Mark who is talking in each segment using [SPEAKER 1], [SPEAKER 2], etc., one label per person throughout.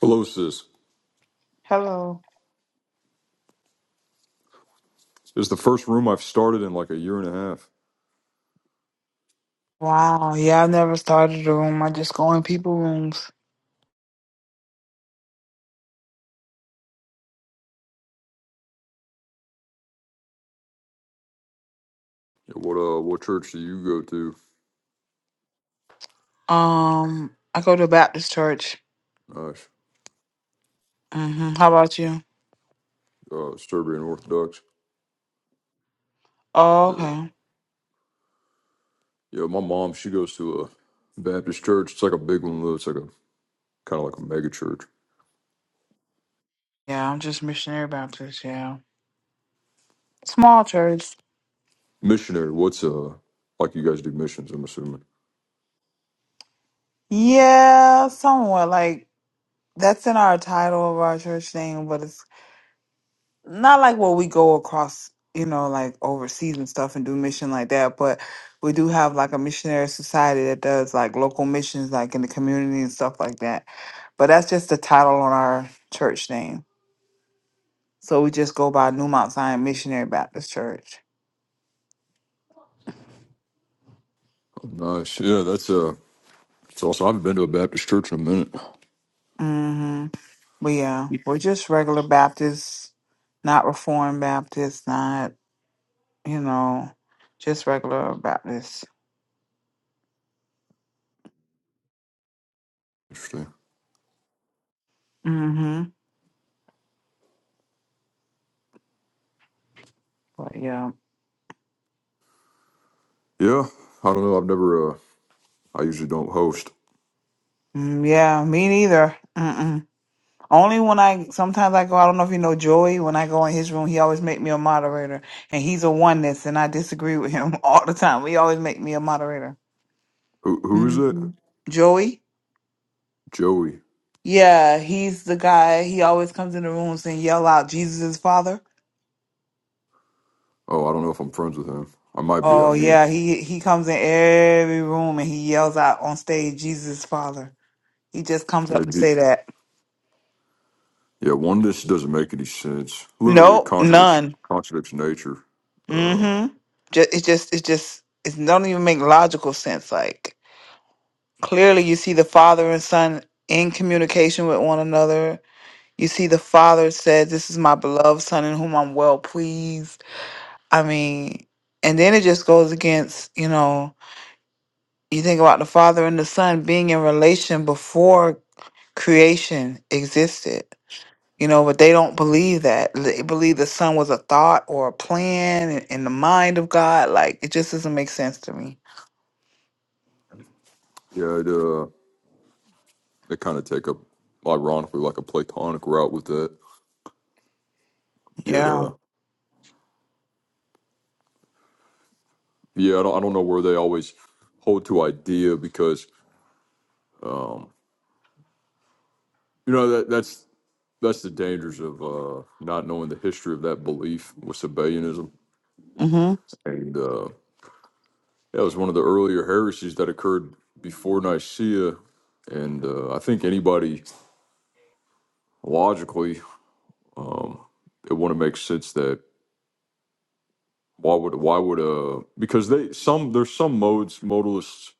[SPEAKER 1] Hello, sis.
[SPEAKER 2] Hello.
[SPEAKER 1] This is the first room I've started in like a year and a half.
[SPEAKER 2] Wow. Yeah, I've never started a room. I just go in people rooms.
[SPEAKER 1] Yeah, What uh, what church do you go to?
[SPEAKER 2] Um, I go to Baptist church.
[SPEAKER 1] Nice.
[SPEAKER 2] hmm How about you?
[SPEAKER 1] Uh, Serbian Orthodox.
[SPEAKER 2] Oh,
[SPEAKER 1] Yeah.
[SPEAKER 2] okay.
[SPEAKER 1] yeah, my mom she goes to a Baptist church. It's like a big one though. It's like a kind of like a mega church.
[SPEAKER 2] Yeah, I'm just missionary Baptist. Yeah, small church.
[SPEAKER 1] Missionary. What's uh, like you guys do missions? I'm assuming.
[SPEAKER 2] Yeah, somewhat like that's in our title of our church name, but it's not like where we go across, you know, like overseas and stuff and do mission like that, but we do have like a missionary society that does like local missions like in the community and stuff like that. But that's just the title on our church name. So we just go by New Mount Zion Missionary Baptist Church.
[SPEAKER 1] Oh, nice. Yeah, that's uh, it's also I haven't been to a Baptist church in a minute.
[SPEAKER 2] hmm But yeah, we're just regular Baptists, not Reformed Baptists, not, you know, just regular Baptists.
[SPEAKER 1] Interesting.
[SPEAKER 2] hmm But yeah.
[SPEAKER 1] Yeah, I don't know. I've never uh, I usually don't host.
[SPEAKER 2] Mm, yeah, me neither. Mm-mm. Only when I sometimes I go. I don't know if you know Joey. When I go in his room, he always make me a moderator, and he's a oneness, and I disagree with him all the time. He always make me a moderator.
[SPEAKER 1] Who who is it?
[SPEAKER 2] Mhm. Joey,
[SPEAKER 1] Joey.
[SPEAKER 2] yeah, he's the guy. He always comes in the rooms and yell out, "Jesus is Father."
[SPEAKER 1] Oh, I don't know if I'm friends with him. I might be. I
[SPEAKER 2] Oh
[SPEAKER 1] don't know.
[SPEAKER 2] yeah, he he comes in every room and he yells out on stage, "Jesus is Father." He just comes up
[SPEAKER 1] Yeah,
[SPEAKER 2] to
[SPEAKER 1] do,
[SPEAKER 2] say that.
[SPEAKER 1] Yeah, one this doesn't make any sense. Literally, it
[SPEAKER 2] Nope,
[SPEAKER 1] contradicts
[SPEAKER 2] none.
[SPEAKER 1] contradicts nature. Um,
[SPEAKER 2] Mm-hmm. Just it's just it's just it don't even make logical sense. Like. Clearly, you see the father and son in communication with one another. You see the father said, This is my beloved son in whom I'm well pleased. I mean, and then it just goes against, you know, you think about the father and the son being in relation before creation existed. You know, but they don't believe that. They believe the son was a thought or a plan in, in the mind of God. Like it just doesn't make sense to me.
[SPEAKER 1] yeah, it uh, they kind of take a ironically like a Platonic route with that. Yet,
[SPEAKER 2] Yeah.
[SPEAKER 1] uh, yeah, I don't, I don't know where they always hold to idea because you know that that's that's the dangers of uh, not knowing the history of that belief with Sabellianism,
[SPEAKER 2] Mm-hmm.
[SPEAKER 1] and uh, that was one of the earlier heresies that occurred before Nicaea. And uh, I think anybody logically um, it wouldn't make sense that Why would why would uh because they some there's some modes modalists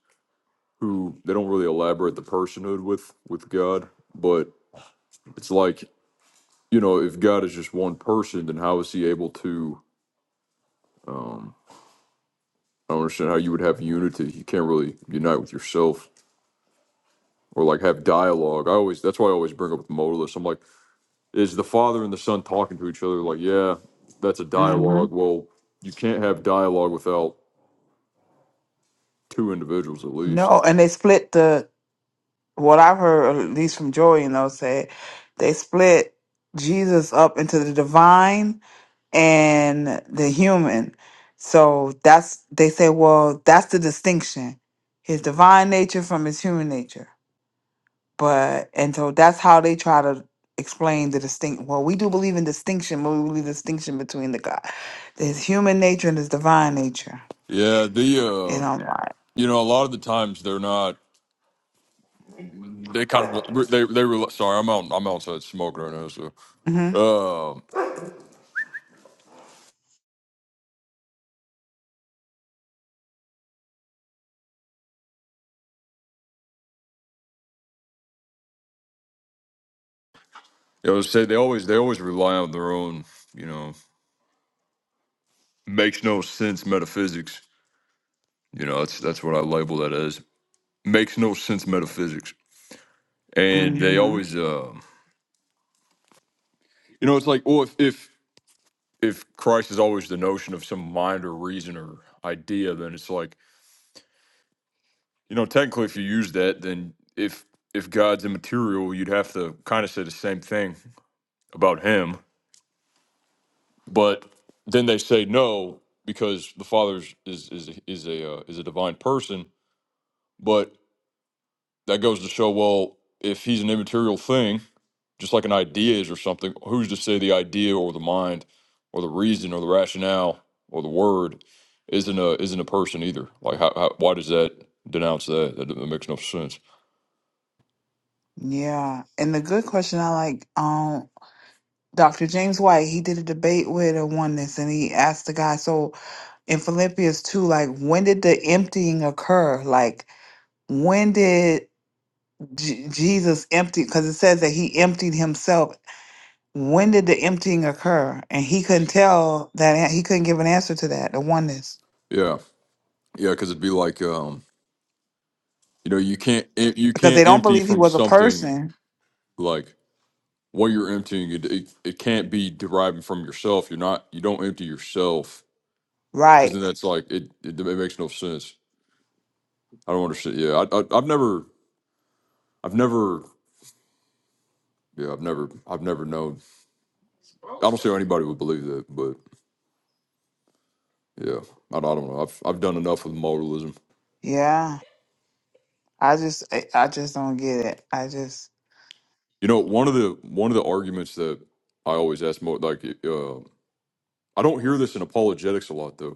[SPEAKER 1] who they don't really elaborate the personhood with with God, but it's like you know if God is just one person, then how is he able to? Um, I don't understand how you would have unity. You can't really unite with yourself or like have dialogue. I always that's why I always bring up with modalists. I'm like, is the father and the son talking to each other? Like, yeah, that's a
[SPEAKER 2] Mm-hmm.
[SPEAKER 1] dialogue. Well, you can't have dialogue without two individuals at least.
[SPEAKER 2] No, and they split the what I've heard, at least from Joey and those, say they split Jesus up into the divine and the human. So that's they say, well, that's the distinction: his divine nature from his human nature. But and so that's how they try to explain the distinct. Well, we do believe in distinction, but we believe distinction between the God, his human nature and his divine nature.
[SPEAKER 1] Yeah, the
[SPEAKER 2] And I'm like,
[SPEAKER 1] You know, a lot of the times they're not. They kind of they they rely. Sorry, I'm out. I'm outside smoking right now. So,
[SPEAKER 2] mm-hmm,
[SPEAKER 1] um, I would say they always they always rely on their own. You know, makes no sense metaphysics. You know, that's that's what I label that as makes no sense metaphysics. And they
[SPEAKER 2] mm-hmm.
[SPEAKER 1] always, uh, you know, it's like, well, if if if Christ is always the notion of some mind or reason or idea, then it's like, you know, technically, if you use that, then if if God's immaterial, you'd have to kind of say the same thing about him. But then they say no because the Father is is is a is a, uh, is a divine person. But that goes to show well, if he's an immaterial thing, just like an idea is or something, who's to say the idea or the mind or the reason or the rationale or the word isn't a isn't a person either? Like, how, how why does that denounce that? That, that makes no sense.
[SPEAKER 2] yeah. And the good question I like, um, Dr. James White, he did a debate with a oneness and he asked the guy, so in Philippians 2, like, when did the emptying occur? Like, when did J- Jesus empty? Because it says that he emptied himself. When did the emptying occur? And he couldn't tell that, an- he couldn't give an answer to that, the oneness,
[SPEAKER 1] Yeah, yeah, because it'd be like um, you know, you can't em- you
[SPEAKER 2] because they
[SPEAKER 1] can't
[SPEAKER 2] don't
[SPEAKER 1] empty
[SPEAKER 2] believe he
[SPEAKER 1] from
[SPEAKER 2] was a
[SPEAKER 1] something
[SPEAKER 2] person.
[SPEAKER 1] like when you're emptying it, it it can't be deriving from yourself. You're not you don't empty yourself because then
[SPEAKER 2] Right.
[SPEAKER 1] that's like it, it it makes no sense. I don't understand. Yeah, I, I I've never I've never yeah I've never I've never known. I don't see how anybody would believe that, but yeah, I, I don't know. I've I've done enough with modalism.
[SPEAKER 2] Yeah. I just, I I just don't get it. I just,
[SPEAKER 1] You know, one of the one of the arguments that I always ask mo like uh, I don't hear this in apologetics a lot though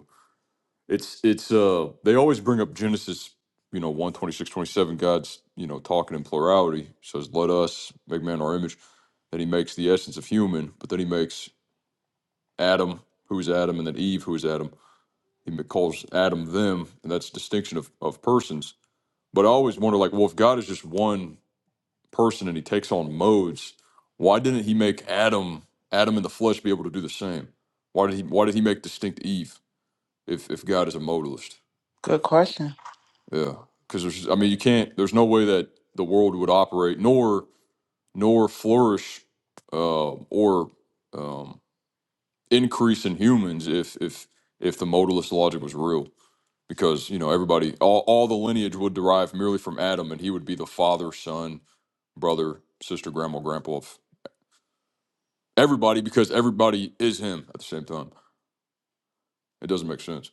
[SPEAKER 1] It's it's uh they always bring up Genesis, you know, one twenty six twenty seven God's, you know, talking in plurality, says, Let us make man in our image. Then he makes the essence of human, but then he makes Adam, who is Adam, and then Eve, who is Adam. He ma- calls Adam them, and that's distinction of, of persons. But I always wonder, like, well, if God is just one person and he takes on modes, why didn't he make Adam, Adam in the flesh, be able to do the same? Why did he why did he make distinct Eve if if God is a modalist?
[SPEAKER 2] good question.
[SPEAKER 1] Yeah, because there's, I mean, you can't. There's no way that the world would operate, nor nor flourish, uh, or um, increase in humans if if if the modalist logic was real. Because you know everybody, all, all the lineage would derive merely from Adam, and he would be the father, son, brother, sister, grandma, grandpa of everybody, because everybody is him at the same time. It doesn't make sense.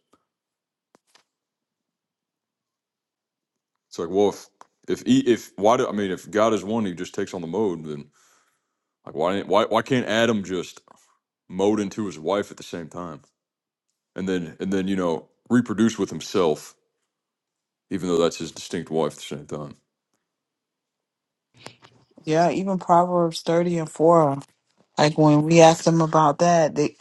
[SPEAKER 1] It's like, well, if if he, if why do I mean if God is one, he just takes on the mode, then like why didn't why why can't Adam just mowed into his wife at the same time, and then and then you know reproduced with himself, even though that's his distinct wife at the same time.
[SPEAKER 2] Yeah. Even Proverbs 30 and 4. Like when we asked them about that, they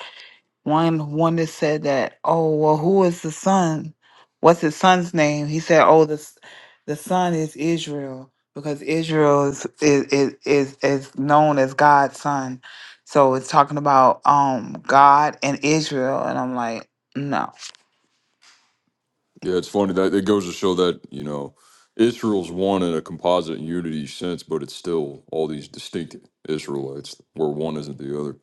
[SPEAKER 2] one one that said that, oh well, who is the son? What's his son's name? He said, oh, the s- the son is Israel because Israel is is is is, is known as God's son. So it's talking about um God and Israel, and I'm like, no,
[SPEAKER 1] Yeah, it's funny that it goes to show that you know Israel's one in a composite unity sense, but it's still all these distinct Israelites where one isn't the other.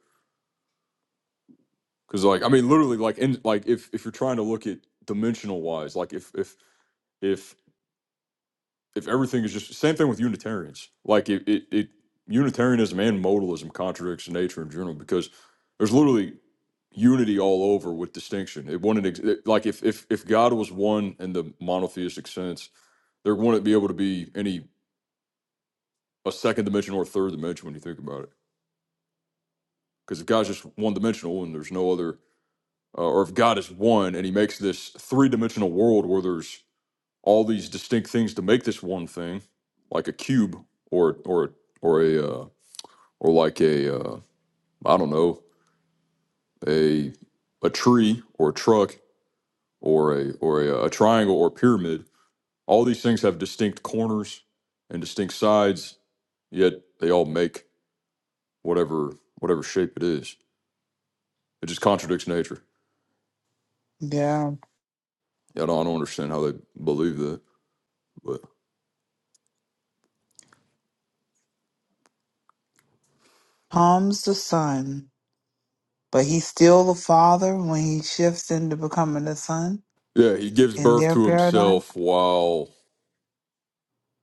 [SPEAKER 1] Because like I mean, literally, like in like if if you're trying to look at dimensional wise, like if if if if everything is just same thing with Unitarians. Like it, it, it Unitarianism and modalism contradicts nature in general because there's literally unity all over with distinction. It wouldn't ex- it- like if if if God was one in the monotheistic sense, there wouldn't be able to be any a second dimension or a third dimension when you think about it. Because if God's just one dimensional and there's no other, uh, or if God is one and He makes this three dimensional world where there's all these distinct things to make this one thing, like a cube or or or a uh, or like a uh, I don't know a a tree or a truck or a or a, a triangle or pyramid. All these things have distinct corners and distinct sides, yet they all make whatever whatever shape it is. It just contradicts nature.
[SPEAKER 2] yeah,
[SPEAKER 1] Yeah, I don't, I don't understand how they believe that. But
[SPEAKER 2] comes the son, but he's still the father when he shifts into becoming the son
[SPEAKER 1] yeah, he gives
[SPEAKER 2] in
[SPEAKER 1] birth
[SPEAKER 2] their
[SPEAKER 1] to
[SPEAKER 2] paradigm.
[SPEAKER 1] himself while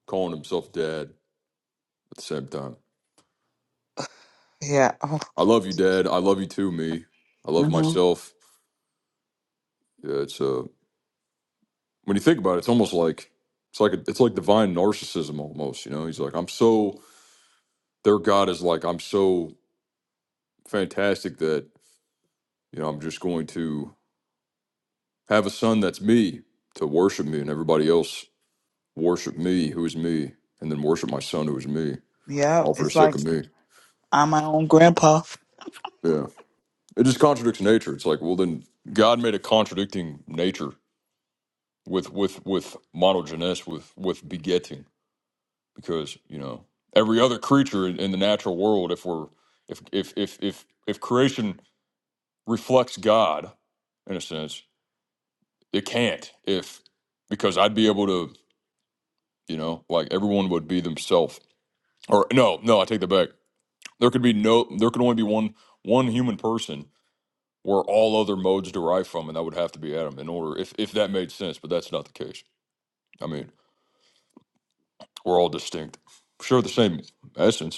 [SPEAKER 1] calling himself dad at the same time.
[SPEAKER 2] Yeah. Oh.
[SPEAKER 1] I love you, dad. I love you too, me. I love
[SPEAKER 2] hmm
[SPEAKER 1] myself. Yeah, it's a. when you think about it, it's almost like it's like a, it's like divine narcissism almost. You know, he's like, I'm so their God is like, I'm so fantastic that you know I'm just going to have a son that's me to worship me, and everybody else worship me who is me, and then worship my son who is me,
[SPEAKER 2] Yep.
[SPEAKER 1] all for the
[SPEAKER 2] It's
[SPEAKER 1] sake
[SPEAKER 2] like
[SPEAKER 1] of me.
[SPEAKER 2] I'm my own grandpa.
[SPEAKER 1] Yeah, it just contradicts nature. It's like, well, then God made a contradicting nature with with with monogenes with with begetting because you know every other creature in the natural world if we're if if if if, if creation reflects god in a sense it can't if because i'd be able to you know like everyone would be themselves or no no i take that back there could be no there could only be one one human person where all other modes derive from and that would have to be adam in order if if that made sense but that's not the case i mean we're all distinct share the same essence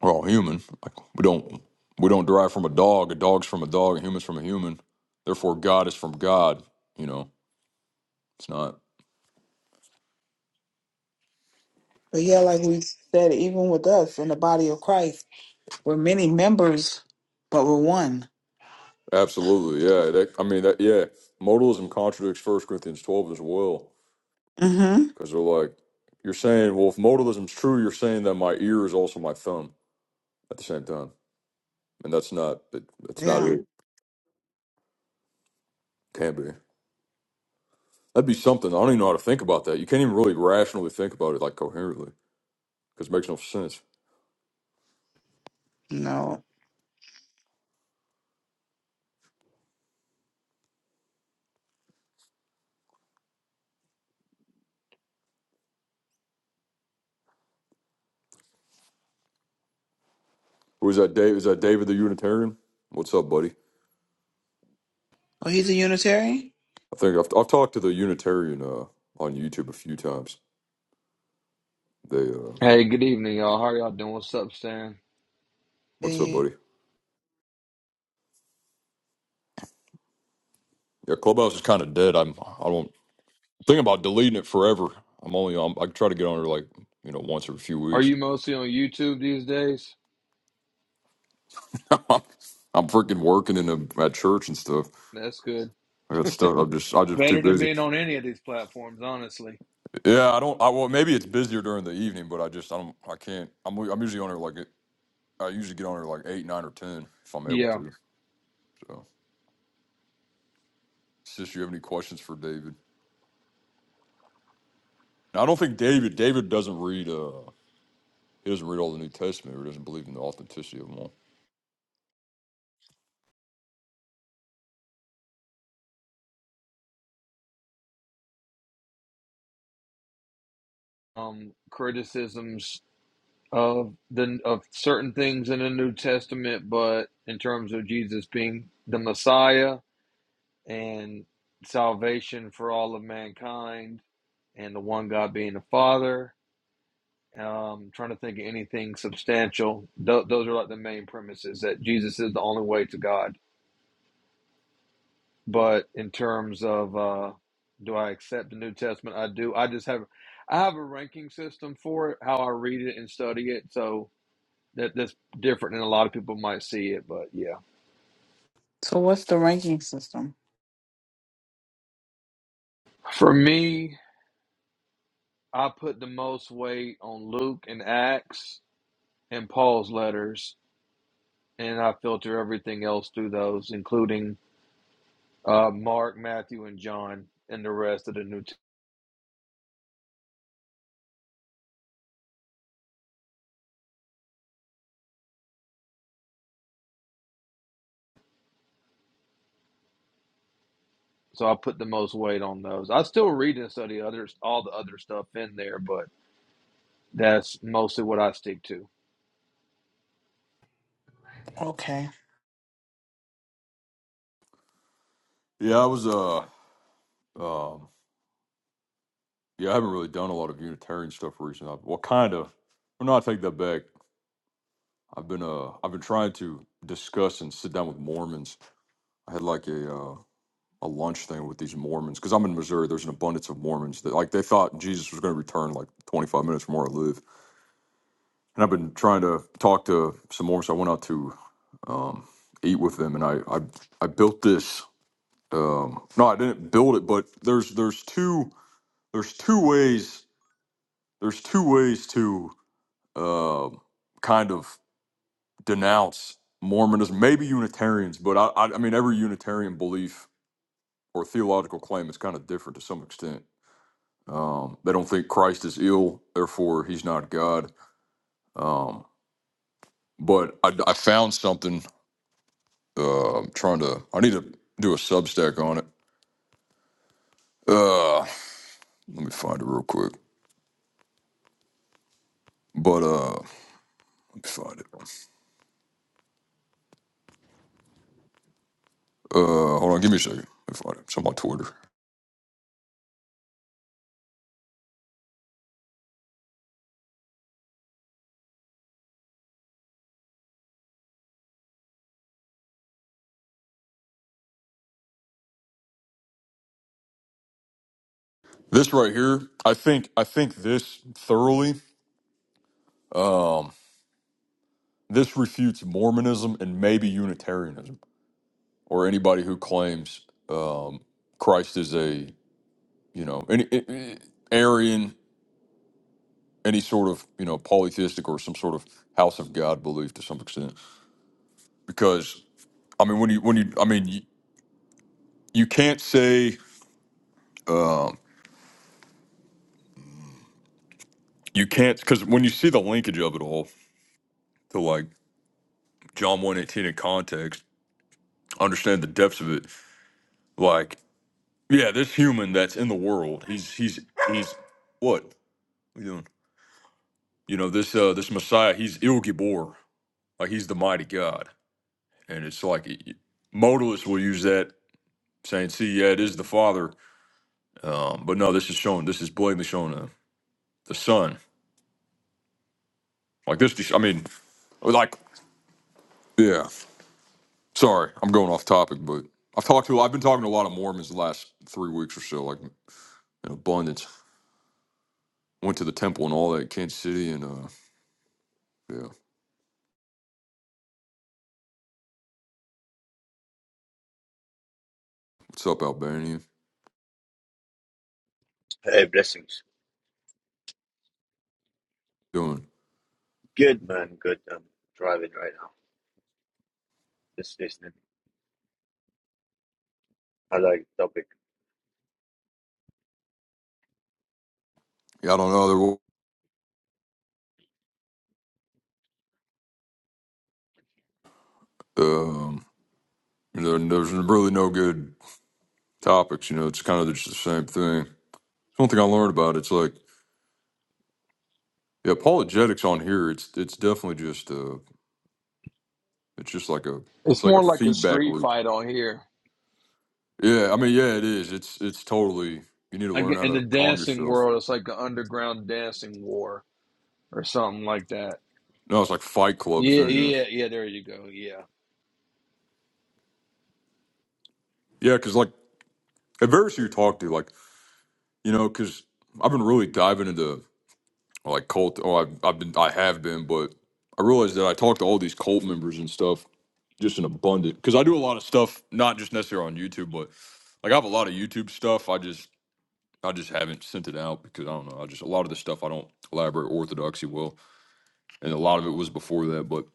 [SPEAKER 1] We're all human. Like we don't we don't derive from a dog. A dog's from a dog. A human's from a human. Therefore, God is from God. You know, it's not
[SPEAKER 2] But yeah, like we said, even with us in the body of Christ, we're many members, but we're one.
[SPEAKER 1] absolutely. Yeah, that, I mean that. Yeah, modalism contradicts First Corinthians twelve as well
[SPEAKER 2] Mm-hmm.
[SPEAKER 1] because they're like you're saying, well, if modalism's true, you're saying that my ear is also my thumb at the same time, and that's not. It, that's not
[SPEAKER 2] Yeah.
[SPEAKER 1] it. Can't be. That'd be something. I don't even know how to think about that. You can't even really rationally think about it like coherently because it makes no sense.
[SPEAKER 2] No.
[SPEAKER 1] Or that Dave? Is that David the Unitarian? What's up, buddy?
[SPEAKER 2] Oh, he's a Unitarian?
[SPEAKER 1] I think I've, I've talked to the Unitarian uh, on YouTube a few times. They, uh,
[SPEAKER 3] Hey, good evening, y'all. How are y'all doing? What's up, Stan?
[SPEAKER 1] what's up,
[SPEAKER 2] Yeah.
[SPEAKER 1] buddy? Yeah, Clubhouse is kind of dead. I'm I don't think about deleting it forever. I'm only on. I try to get on it like you know once every few
[SPEAKER 3] Are
[SPEAKER 1] weeks.
[SPEAKER 3] you mostly on YouTube these days?
[SPEAKER 1] I'm freaking working in a, at church and stuff.
[SPEAKER 3] That's good.
[SPEAKER 1] I got stuff. I'm just I'm just too
[SPEAKER 3] Better than
[SPEAKER 1] busy.
[SPEAKER 3] being on any of these platforms, honestly.
[SPEAKER 1] Yeah, I don't. I well maybe it's busier during the evening, but I just I don't. I can't. I'm I'm usually on there like I usually get on there like eight, nine, or ten if I'm able
[SPEAKER 3] Yeah.
[SPEAKER 1] to. So. Sis, you have any questions for David? I don't think David. David doesn't read. Uh, he doesn't read all the New Testament, or doesn't believe in the authenticity of them all.
[SPEAKER 3] Um, criticisms of the of certain things in the New Testament, but in terms of Jesus being the Messiah and salvation for all of mankind, and the one God being the Father. Um, trying to think of anything substantial. Th- those are like the main premises that Jesus is the only way to God. But in terms of uh, do I accept the New Testament? I do. I just have I have a ranking system for it, how I read it and study it. So that that's different than a lot of people might see it. But yeah,
[SPEAKER 2] So what's the ranking system?
[SPEAKER 3] for me, I put the most weight on Luke and Acts and Paul's letters, and I filter everything else through those, including uh, Mark, Matthew, and John, and the rest of the New. Testament. so I put the most weight on those. I still read and study others, all the other stuff in there, but That's mostly what I stick to.
[SPEAKER 2] Okay.
[SPEAKER 1] Yeah, I was. Uh, um, yeah, I haven't really done a lot of Unitarian stuff recently. I've- Well, kind of. Well, no, I take that back. I've been. Uh, I've been trying to discuss and sit down with Mormons. I had like a uh, a lunch thing with these Mormons because I'm in Missouri. There's an abundance of Mormons that like they thought Jesus was going to return like 25 minutes from where I live, and I've been trying to talk to some Mormons. I went out to um, eat with them, and I I I built this. Um, no, I didn't build it, but there's there's two there's two ways there's two ways to uh, kind of denounce Mormonism, maybe Unitarians, but I, I I mean every Unitarian belief or theological claim is kind of different to some extent. Um, they don't think Christ is ill, therefore he's not God. Um, but I, I found something. Uh, I'm trying to. I need to do a Substack on it. Uh, let me find it real quick. But uh, let me find it. Uh, hold on, give me a second. Let me find it. It's on my Twitter. This right here, I think, I think this thoroughly this refutes Mormonism and maybe Unitarianism or anybody who claims um, Christ is a you know any, any Arian, any sort of you know polytheistic or some sort of House of God belief to some extent. Because I mean, when you when you I mean you, you can't say um, you can't because when you see the linkage of it all to like John one eighteen in context understand the depths of it. Like, yeah, this human that's in the world, he's he's he's what? What are you doing? You know, this uh this Messiah, he's Il Gibor, like he's the mighty God, and it's like y- modalists will use that saying, "See, yeah, it is the Father," um, but no, this is shown. This is blatantly shown uh, the Son. Like this, I mean, like yeah. Sorry, I'm going off topic, but I've talked to I've been talking to a lot of Mormons the last three weeks or so, like in abundance. Went to the temple and all that, in Kansas City, and uh, Yeah. What's up, Albania?
[SPEAKER 4] Hey, blessings.
[SPEAKER 1] Doing?
[SPEAKER 4] Good man, good. I'm driving right now. Just listening. I like the topic.
[SPEAKER 1] Yeah, I don't know. There, um, there, there's really no good topics. You know, it's kind of just the same thing. one thing I learned about. It's like the apologetics on here. It's it's definitely just uh, it's just like a it's
[SPEAKER 3] It's
[SPEAKER 1] like a
[SPEAKER 3] more like a
[SPEAKER 1] feedback
[SPEAKER 3] street
[SPEAKER 1] loop.
[SPEAKER 3] fight on here.
[SPEAKER 1] Yeah, I mean, yeah, it is. It's it's totally. You need to
[SPEAKER 3] I
[SPEAKER 1] learn
[SPEAKER 3] get,
[SPEAKER 1] how
[SPEAKER 3] in the
[SPEAKER 1] to calm
[SPEAKER 3] dancing
[SPEAKER 1] yourself.
[SPEAKER 3] world, it's like an underground dancing war or something like that.
[SPEAKER 1] No, it's like Fight Club, if
[SPEAKER 3] Yeah,
[SPEAKER 1] anything.
[SPEAKER 3] yeah, yeah. There you go. Yeah,
[SPEAKER 1] Yeah, because like at various who you talk to, like you know, because I've been really diving into. or like cult. Oh, I've, I've been, I have been, but I realized that I talk to all these cult members and stuff just in abundant because I do a lot of stuff, not just necessarily on YouTube, but like I have a lot of YouTube stuff. I just, I just haven't sent it out because I don't know. I just a lot of the stuff I don't elaborate orthodoxy well, and a lot of it was before that. But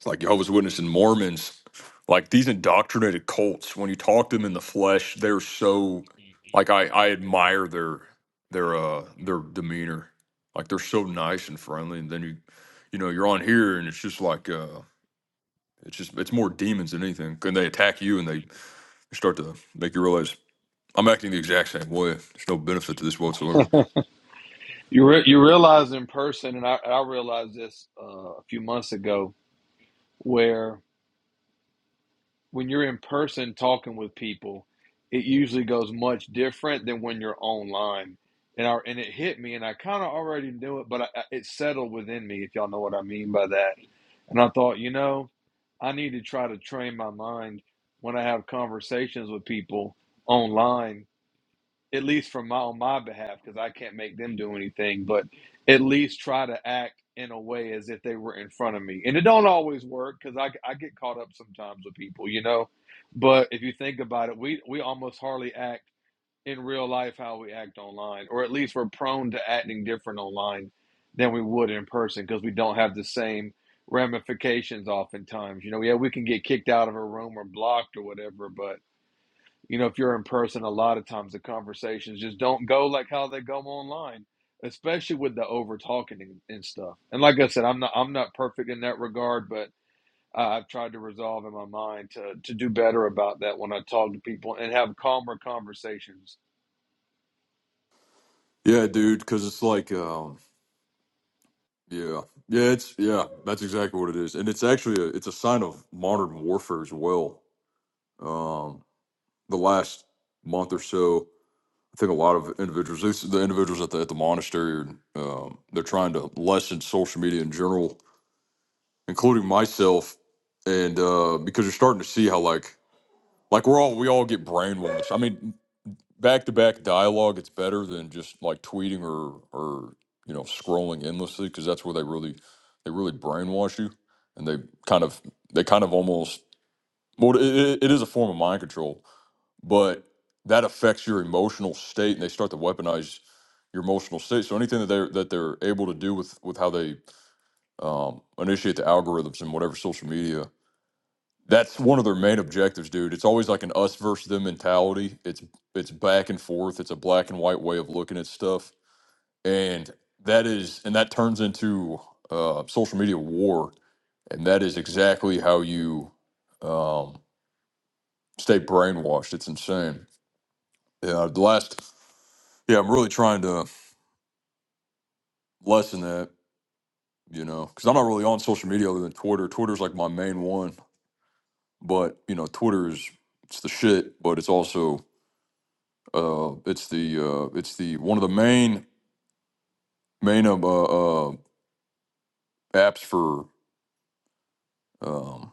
[SPEAKER 1] it's like Jehovah's Witness and Mormons, like these indoctrinated cults. When you talk to them in the flesh, they're so like I I admire their their uh their demeanor. Like they're so nice and friendly, and then you you know you're on here and it's just like uh it's just it's more demons than anything. And they attack you and they start to make you realize I'm acting the exact same way. There's no benefit to this whatsoever.
[SPEAKER 3] you re- you realize in person, and I, I realized this uh, a few months ago, where when you're in person talking with people, it usually goes much different than when you're online. And I, and it hit me, and I kind of already knew it, but I, it settled within me, if y'all know what I mean by that And I thought, you know, I need to try to train my mind when I have conversations with people online, at least from my on my behalf, because I can't make them do anything, but at least try to act in a way as if they were in front of me. And it don't always work because I, I get caught up sometimes with people, you know. But if you think about it, we we almost hardly act in real life how we act online, or at least we're prone to acting different online than we would in person because we don't have the same ramifications oftentimes. You know, yeah, we can get kicked out of a room or blocked or whatever, but you know, if you're in person, a lot of times the conversations just don't go like how they go online, especially with the over talking and, and stuff. And like I said, I'm not I'm not perfect in that regard, but I- I've tried to resolve in my mind to to do better about that when I talk to people and have calmer conversations
[SPEAKER 1] Yeah, dude, because it's like. um Yeah, yeah, it's yeah, that's exactly what it is, and it's actually a, it's a sign of modern warfare as well. Um, the last month or so, I think a lot of individuals, this- the individuals at the at the monastery, um, they're trying to lessen social media in general, including myself, and uh, because you're starting to see how like like we're all we all get brainwashed. I mean, back to back dialogue, it's better than just like tweeting or or you know scrolling endlessly because that's where they really they really brainwash you, and they kind of they kind of almost well it, it it is a form of mind control, but that affects your emotional state, and they start to weaponize your emotional state. So anything that they're that they're able to do with with how they um, initiate the algorithms and whatever social media that's one of their main objectives, dude. It's always like an us versus them mentality. It's it's back and forth. It's a black and white way of looking at stuff, and that is and that turns into uh, social media war. And that is exactly how you um, stay brainwashed. It's insane. Yeah, the last yeah, I'm really trying to lessen that, you know, because I'm not really on social media other than Twitter. Twitter's like my main one, but you know, Twitter is it's the shit, but it's also Uh, it's the uh, it's the one of the main main um, uh, uh, apps for um,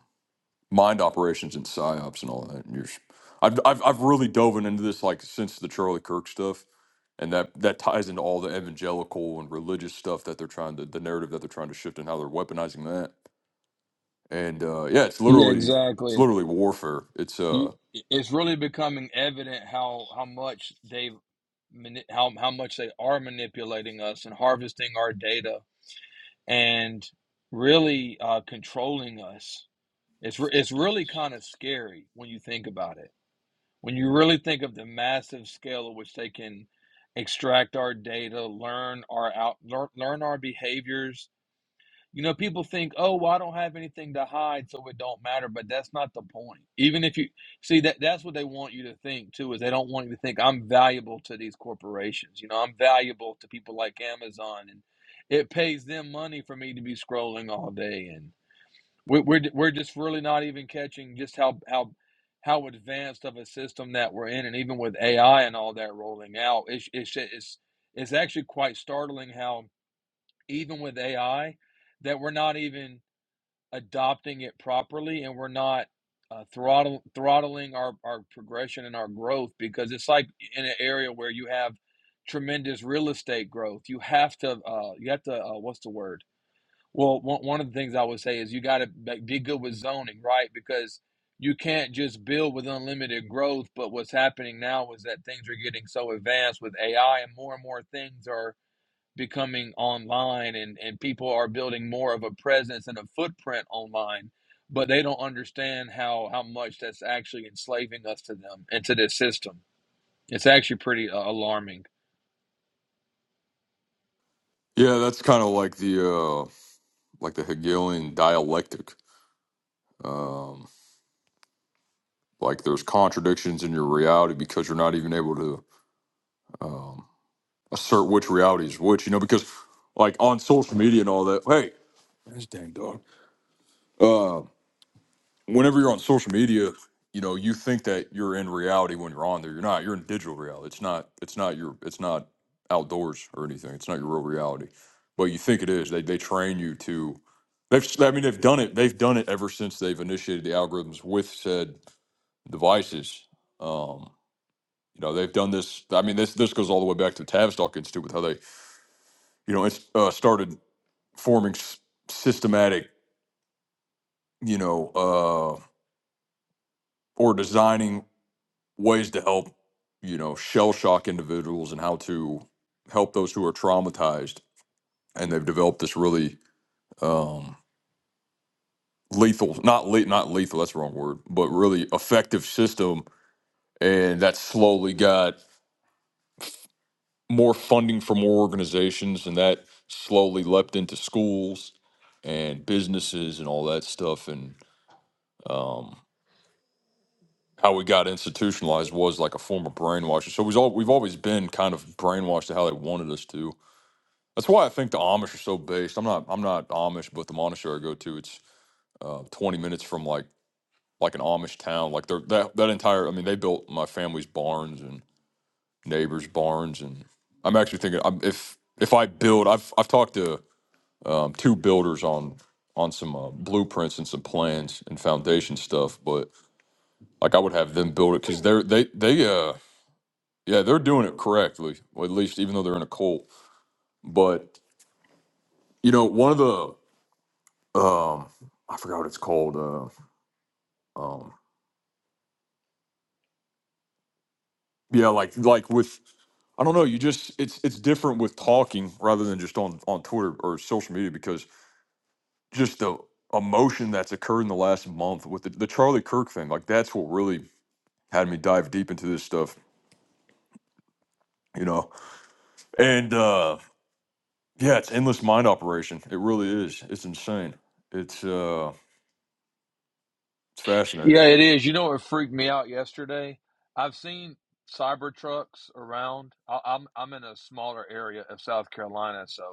[SPEAKER 1] mind operations and psyops and all that. And you're, s- I've, I've I've really dove into this like since the Charlie Kirk stuff, and that that ties into all the evangelical and religious stuff that they're trying to the narrative that they're trying to shift and how they're weaponizing that. And uh, yeah, it's
[SPEAKER 3] Yeah,
[SPEAKER 1] literally it's
[SPEAKER 3] exactly.
[SPEAKER 1] literally warfare. It's
[SPEAKER 3] You,
[SPEAKER 1] uh
[SPEAKER 3] it's really becoming evident how how much they mani- how how much they are manipulating us and harvesting our data and really uh, controlling us. It's re- it's really kind of scary when you think about it. When you really think of the massive scale at which they can extract our data, learn our out learn, learn our behaviors, You know, people think, "Oh, well, I don't have anything to hide, so it don't matter." But that's not the point. Even if you see that, that's what they want you to think too. Is they don't want you to think I'm valuable to these corporations. You know, I'm valuable to people like Amazon, and it pays them money for me to be scrolling all day. And we're we're, we're just really not even catching just how how how advanced of a system that we're in. And even with AI and all that rolling out, it's it's it's, it's actually quite startling how even with AI that we're not even adopting it properly and we're not uh, throttle, throttling our, our progression and our growth because it's like in an area where you have tremendous real estate growth you have to uh, you have to uh, what's the word well one, one of the things i would say is you got to be good with zoning right because you can't just build with unlimited growth but what's happening now is that things are getting so advanced with ai and more and more things are becoming online and, and people are building more of a presence and a footprint online but they don't understand how how much that's actually enslaving us to them and to this system it's actually pretty uh, alarming
[SPEAKER 1] yeah, that's kind of like the uh like the Hegelian dialectic. um. Like there's contradictions in your reality because you're not even able to um, assert which reality is which. You know, because like on social media and all that. Hey, this dang dog. Uh, whenever you're on social media, you know you think that you're in reality when you're on there. You're not. You're in digital reality. It's not. It's not your. It's not outdoors or anything. It's not your real reality. But you think it is. They they train you to. They've. I mean, they've done it. They've done it ever since they've initiated the algorithms with said devices. Um, You know, they've done this. I mean, this this goes all the way back to the Tavistock Institute with how they, you know, it's uh, started forming s- systematic, you know, uh, or designing ways to help, you know, shell shock individuals and how to help those who are traumatized. And they've developed this really um, lethal, not le- not lethal, that's the wrong word, but really effective system. And that slowly got more funding for more organizations, and that slowly leapt into schools and businesses and all that stuff. And how we got institutionalized was like a form of brainwashing. So we've all we've always been kind of brainwashed to how they wanted us to. That's why I think the Amish are so based. I'm not I'm not Amish, but the monastery I go to, it's uh, 20 minutes from like like an Amish town. Like they're that that entire. I mean, they built my family's barns and neighbors' barns, and I'm actually thinking I'm, if if I build, I've I've talked to um, two builders on on some uh, blueprints and some plans and foundation stuff. But like I would have them build it because they're they they uh yeah they're doing it correctly or at least even though they're in a cult. But you know one of the um I forgot what it's called uh um yeah like like with I don't know you just it's it's different with talking rather than just on on Twitter or social media because just the emotion that's occurred in the last month with the, the Charlie Kirk thing like that's what really had me dive deep into this stuff you know and uh yeah it's endless mind operation it really is it's insane it's uh it's fascinating
[SPEAKER 3] yeah it is you know what freaked me out yesterday i've seen cyber trucks around I, i'm i'm in a smaller area of south carolina so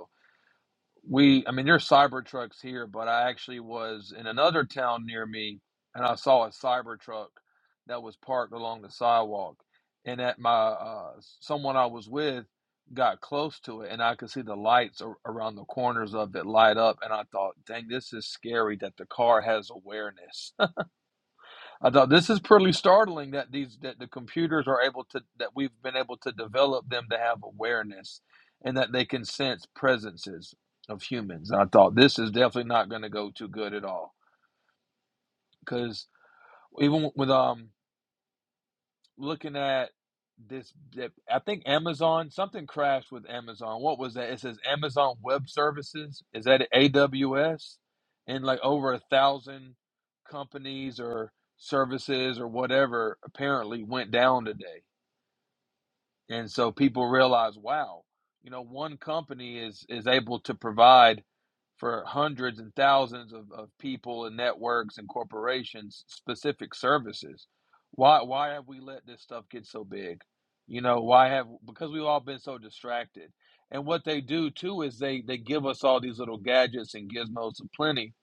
[SPEAKER 3] we i mean there's Cybertrucks here but i actually was in another town near me and i saw a Cybertruck that was parked along the sidewalk and at my uh someone i was with got close to it and i could see the lights ar- around the corners of it light up and i thought dang this is scary that the car has awareness I thought this is pretty startling that these that the computers are able to that we've been able to develop them to have awareness and that they can sense presences of humans. And I thought this is definitely not going to go too good at all because even with um looking at this i think amazon something crashed with amazon what was that it says amazon web services is that aws and like over a thousand companies or services or whatever apparently went down today and so people realize wow you know one company is is able to provide for hundreds and thousands of, of people and networks and corporations specific services why why have we let this stuff get so big you know why have because we've all been so distracted and what they do too is they they give us all these little gadgets and gizmos aplenty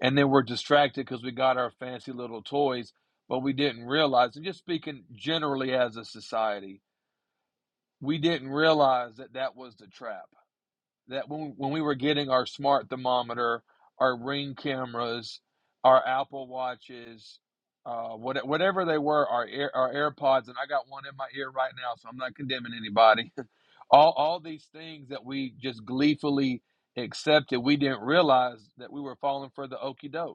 [SPEAKER 3] and then we're distracted because we got our fancy little toys but we didn't realize and just speaking generally as a society we didn't realize that that was the trap. That when when we were getting our smart thermometer, our Ring cameras, our Apple watches, uh, what, whatever they were, our Air, our AirPods, and I got one in my ear right now, so I'm not condemning anybody. all all these things that we just gleefully accepted, we didn't realize that we were falling for the okey doke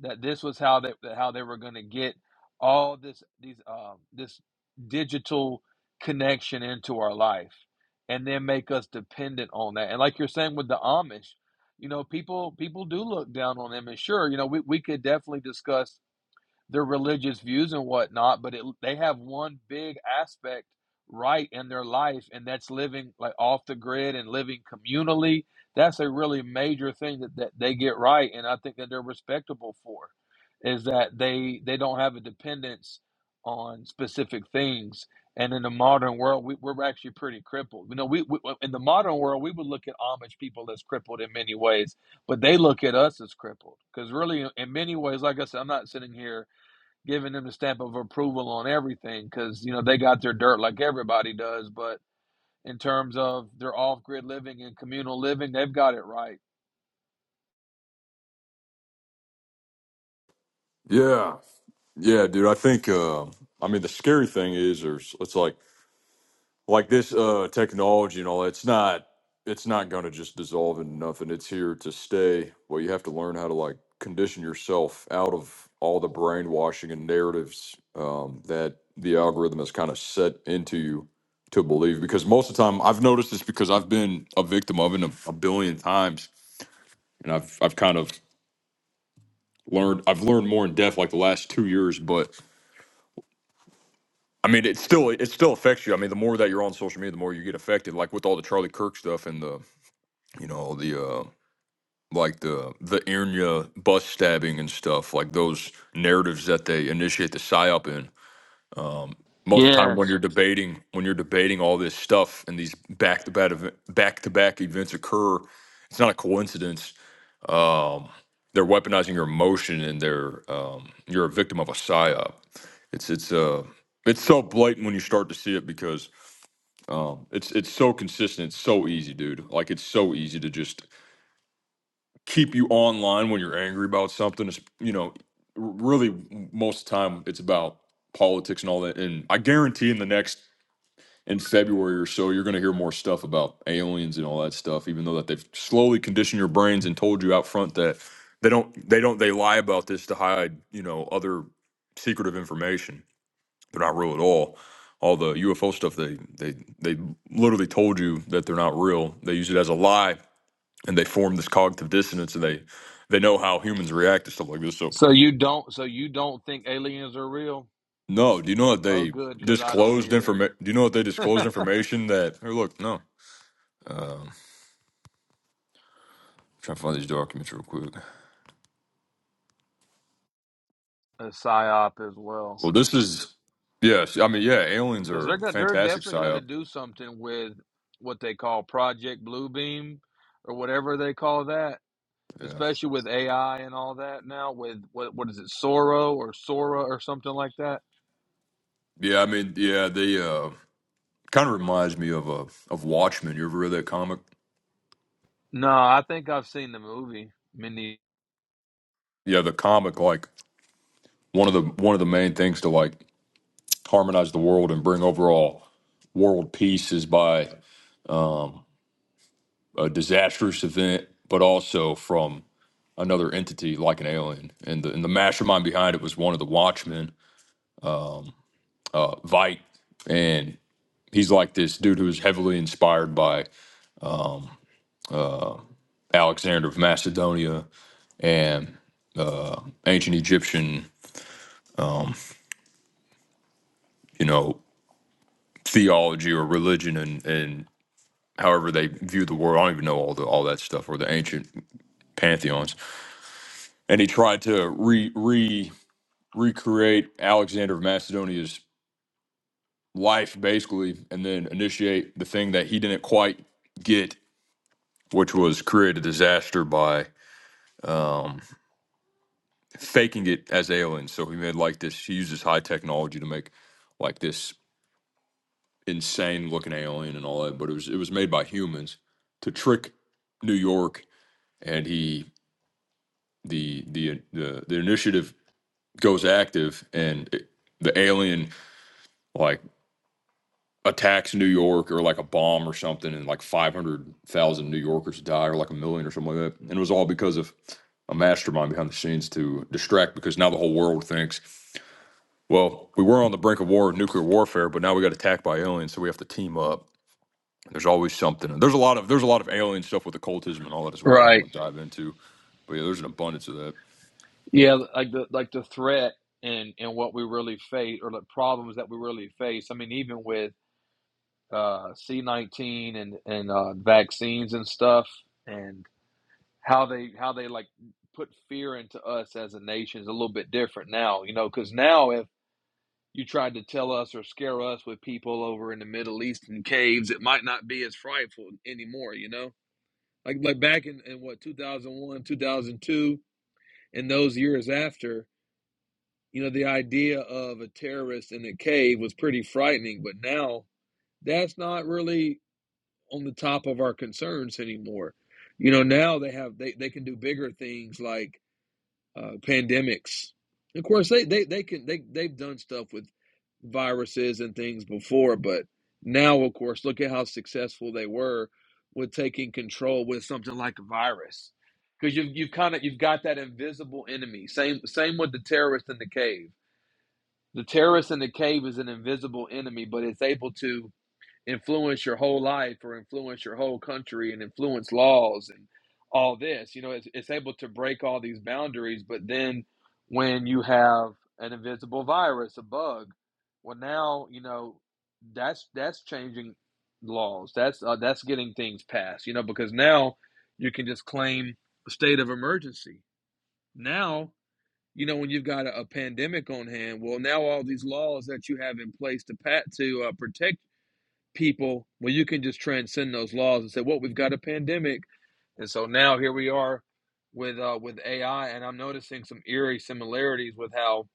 [SPEAKER 3] that this was how they how they were going to get all this these um this digital connection into our life and then make us dependent on that and like you're saying with the amish you know people people do look down on them and sure you know we, we could definitely discuss their religious views and whatnot, but it, they have one big aspect right in their life, and that's living like off the grid and living communally. That's a really major thing that, that they get right, and I think that they're respectable for is that they they don't have a dependence on specific things. And in the modern world, we, we're actually pretty crippled. You know, we, we in the modern world we would look at Amish people as crippled in many ways, but they look at us as crippled because really, in many ways, like I said, I'm not sitting here giving them the stamp of approval on everything because you know they got their dirt like everybody does. But in terms of their off-grid living and communal living, they've got it right.
[SPEAKER 1] yeah yeah dude i think uh i mean the scary thing is there's it's like like this uh technology and all that, it's not it's not going to just dissolve into nothing it's here to stay well you have to learn how to like condition yourself out of all the brainwashing and narratives um, that the algorithm has kind of set into you to believe because most of the time i've noticed this because i've been a victim of it a, a billion times and i've i've kind of learned i've learned more in depth like the last two years but i mean it still it still affects you i mean the more that you're on social media the more you get affected like with all the charlie kirk stuff and the you know the uh like the the Irnia bus stabbing and stuff like those narratives that they initiate the psyop in most of the time when
[SPEAKER 3] Yes.
[SPEAKER 1] you're debating when you're debating all this stuff and these back to back back to back events occur it's not a coincidence um they're weaponizing your emotion and they're um you're a victim of a psyop it's it's uh it's so blatant when you start to see it because um, it's it's so consistent, it's so easy, dude. Like it's so easy to just keep you online when you're angry about something. It's, you know, really most of the time it's about politics and all that. And I guarantee in the next in February or so, you're going to hear more stuff about aliens and all that stuff. Even though that they've slowly conditioned your brains and told you out front that they don't, they don't, they lie about this to hide, you know, other secretive information. They're not real at all. All the UFO stuff, they they they literally told you that they're not real. They use it as a lie and they form this cognitive dissonance and they they know how humans react to stuff like this so
[SPEAKER 3] So you don't. So you don't think aliens are real?
[SPEAKER 1] no do you know that
[SPEAKER 3] Oh,
[SPEAKER 1] they
[SPEAKER 3] good, because I don't
[SPEAKER 1] disclosed
[SPEAKER 3] either.
[SPEAKER 1] information do you know that they disclosed information that hey look no um trying to find these documents real quick
[SPEAKER 3] A psyop as well,
[SPEAKER 1] well this is yes i mean yeah aliens
[SPEAKER 3] because
[SPEAKER 1] are
[SPEAKER 3] they're
[SPEAKER 1] a
[SPEAKER 3] gonna they're
[SPEAKER 1] fantastic
[SPEAKER 3] definitely gonna
[SPEAKER 1] psyop
[SPEAKER 3] do something with what they call Project Bluebeam or whatever they call that.
[SPEAKER 1] yeah
[SPEAKER 3] Especially with AI and all that now, with what what is it, Sora or Sora or something like that
[SPEAKER 1] yeah i mean yeah they uh kind of reminds me of uh of watchmen you ever read that comic
[SPEAKER 3] No, I think I've seen the movie many.
[SPEAKER 1] yeah the comic like one of the one of the main things to like harmonize the world and bring overall world peace is by a disastrous event, but also from another entity like an alien. And the, and the mastermind behind it was one of the Watchmen, uh, Vite, and he's like this dude who was heavily inspired by Alexander of Macedonia and ancient Egyptian, you know, theology or religion and and however they view the world. I don't even know all the all that stuff or the ancient pantheons. And he tried to re re recreate Alexander of Macedonia's life basically and then initiate the thing that he didn't quite get which was create a disaster by um, faking it as aliens so he made like this he uses high technology to make like this insane looking alien and all that but it was it was made by humans to trick new york and he the the the, the initiative goes active and it, the alien like attacks New York or like a bomb or something, and like 500,000 New Yorkers die or like a million or something like that. And it was all because of a mastermind behind the scenes to distract because now the whole world thinks, well, we were on the brink of war, nuclear warfare, but now we got attacked by aliens, so we have to team up. There's always something. And there's a lot of there's a lot of alien stuff with occultism and all that as well. I don't
[SPEAKER 3] Right.
[SPEAKER 1] want to dive into, but yeah, there's an abundance of that.
[SPEAKER 3] Yeah, like the like the threat and and what we really face, or the problems that we really face. I mean, even with uh, C nineteen and and uh, vaccines and stuff, and how they how they like put fear into us as a nation is a little bit different now. You know, because now if you tried to tell us or scare us with people over in the Middle Eastern caves, it might not be as frightful anymore. You know. like like back in, in what 2001 2002 and those years after you know the idea of a terrorist in a cave was pretty frightening but now that's not really on the top of our concerns anymore you know now they have they, they can do bigger things like uh, pandemics. Of course, they, they, they can they they've done stuff with viruses and things before, but now, of course, look at how successful they were with taking control with something like a virus, because you've you've kind of you've got that invisible enemy. Same same with the terrorist in the cave. The terrorist in the cave is an invisible enemy, but it's able to influence your whole life or influence your whole country and influence laws and all this. You know, it's, it's able to break all these boundaries. But then when you have an invisible virus, a bug, well, now you know that's that's changing laws. That's uh, that's getting things passed. You know, because now you can just claim a state of emergency. Now. You know, when you've got a, a pandemic on hand, well, now all these laws that you have in place to pat to uh, protect people where you can just transcend those laws and say, "Well, we've got a pandemic," and so now here we are with uh, with AI, and I'm noticing some eerie similarities with how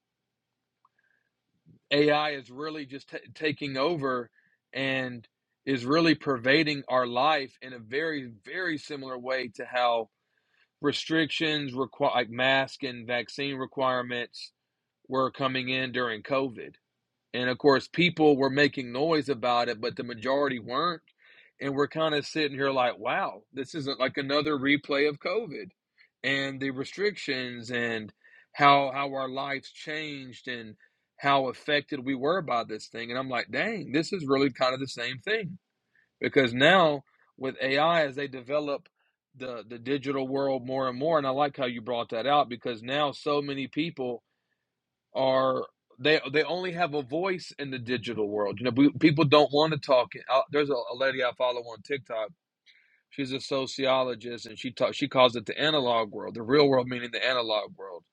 [SPEAKER 3] AI is really just ta taking over and is really pervading our life in a very very similar way to how restrictions require like mask and vaccine requirements were coming in during COVID And of course, people were making noise about it, but the majority weren't. And we're kind of sitting here like, wow, this isn't like another replay of COVID and the restrictions and how how our lives changed and how affected we were by this thing. And I'm like, dang, this is really kind of the same thing. Because now with AI as they develop the the digital world more and more, and I like how you brought that out because now so many people are they they only have a voice in the digital world. You know, we, people don't want to talk. Uh, There's a, a lady I follow on TikTok. She's a sociologist, and she talk, she calls it the analog world, the real world meaning the analog world.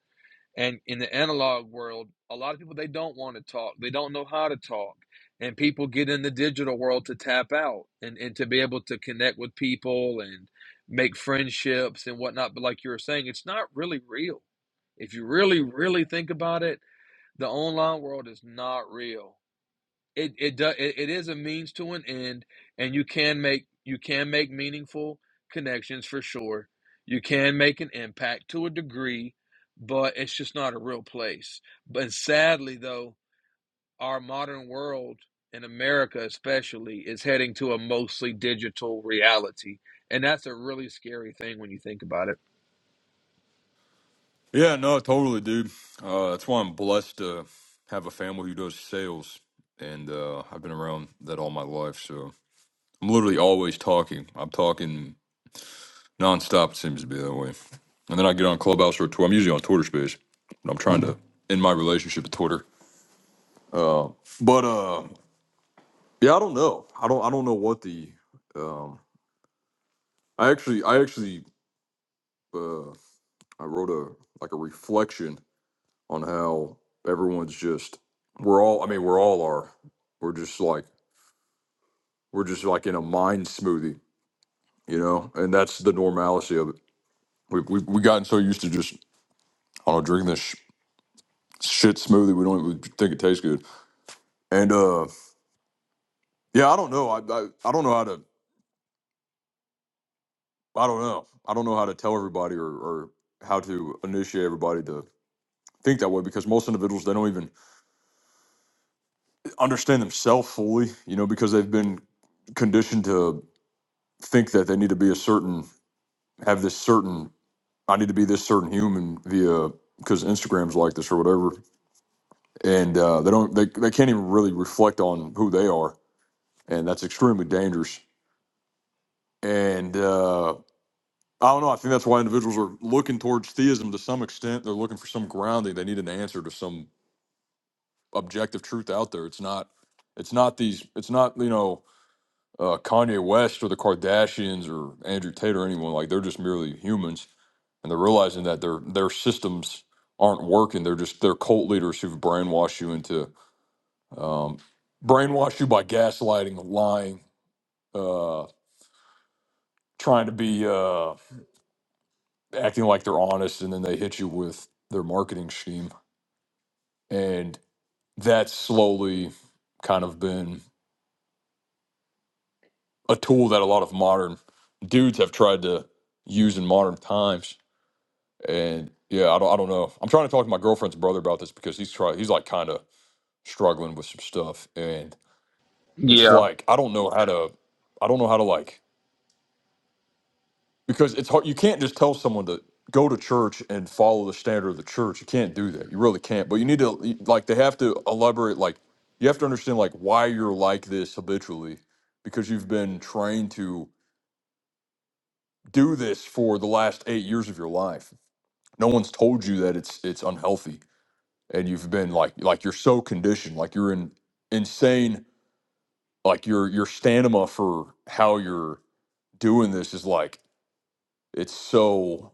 [SPEAKER 3] And in the analog world, a lot of people they don't want to talk. They don't know how to talk. And people get in the digital world to tap out and, and to be able to connect with people and make friendships and whatnot. But like you were saying, it's not really real. If you really, really think about it, the online world is not real. It it does it, it is a means to an end, and you can make you can make meaningful connections for sure. You can make an impact to a degree, but it's just not a real place. But sadly, though, our modern world in America, especially, is heading to a mostly digital reality, and that's a really scary thing when you think about it.
[SPEAKER 1] Yeah, no, totally, dude. Uh, that's why I'm blessed to have a family who does sales, and uh, I've been around that all my life. So I'm literally always talking. I'm talking nonstop. It seems to be that way. And then I get on Clubhouse or Twitter. I'm usually on Twitter Space. But I'm trying to end my relationship with Twitter. Uh, but uh, yeah, I don't know. I don't. I don't know what the. Um, I actually. I actually. Uh, I wrote a like a reflection on how everyone's just. We're all. I mean, we're all are. We're just like. We're just like in a mind smoothie, you know. And that's the normalcy of it. We we we gotten so used to just I don't know drinking this. shit smoothie. We don't even think it tastes good. And uh, yeah, I don't know. I, I I don't know how to. I don't know. I don't know how to tell everybody or or how to initiate everybody to think that way because most individuals they don't even understand themselves fully. You know, because they've been conditioned to think that they need to be a certain, have this certain. I need to be this certain human via because Instagram's like this or whatever, and uh, they don't. They they can't even really reflect on who they are, and that's extremely dangerous. And uh, I don't know. I think that's why individuals are looking towards theism to some extent. They're looking for some grounding. They need an answer to some objective truth out there. It's not. It's not these. It's not you know uh, Kanye West or the Kardashians or Andrew Tate or anyone like. They're just merely humans, and they're realizing that their their systems aren't working. They're just they're cult leaders who've brainwashed you into um, brainwashed you by gaslighting, lying, uh, trying to be uh, acting like they're honest, and then they hit you with their marketing scheme And that's slowly kind of been a tool that a lot of modern dudes have tried to use in modern times. And yeah, I don't, I don't know. I'm trying to talk to my girlfriend's brother about this because he's try he's like kind of struggling with some stuff, and it's
[SPEAKER 3] Yeah.
[SPEAKER 1] like I don't know how to, I don't know how to like. because it's hard. You can't just tell someone to go to church and follow the standard of the church. You can't do that. You really can't. But you need to like they have to elaborate. Like you have to understand like why you're like this habitually, because you've been trained to do this for the last eight years of your life. No one's told you that it's it's unhealthy, and you've been like like you're so conditioned. Like you're in insane. Like your your stamina for how you're doing this is like it's so.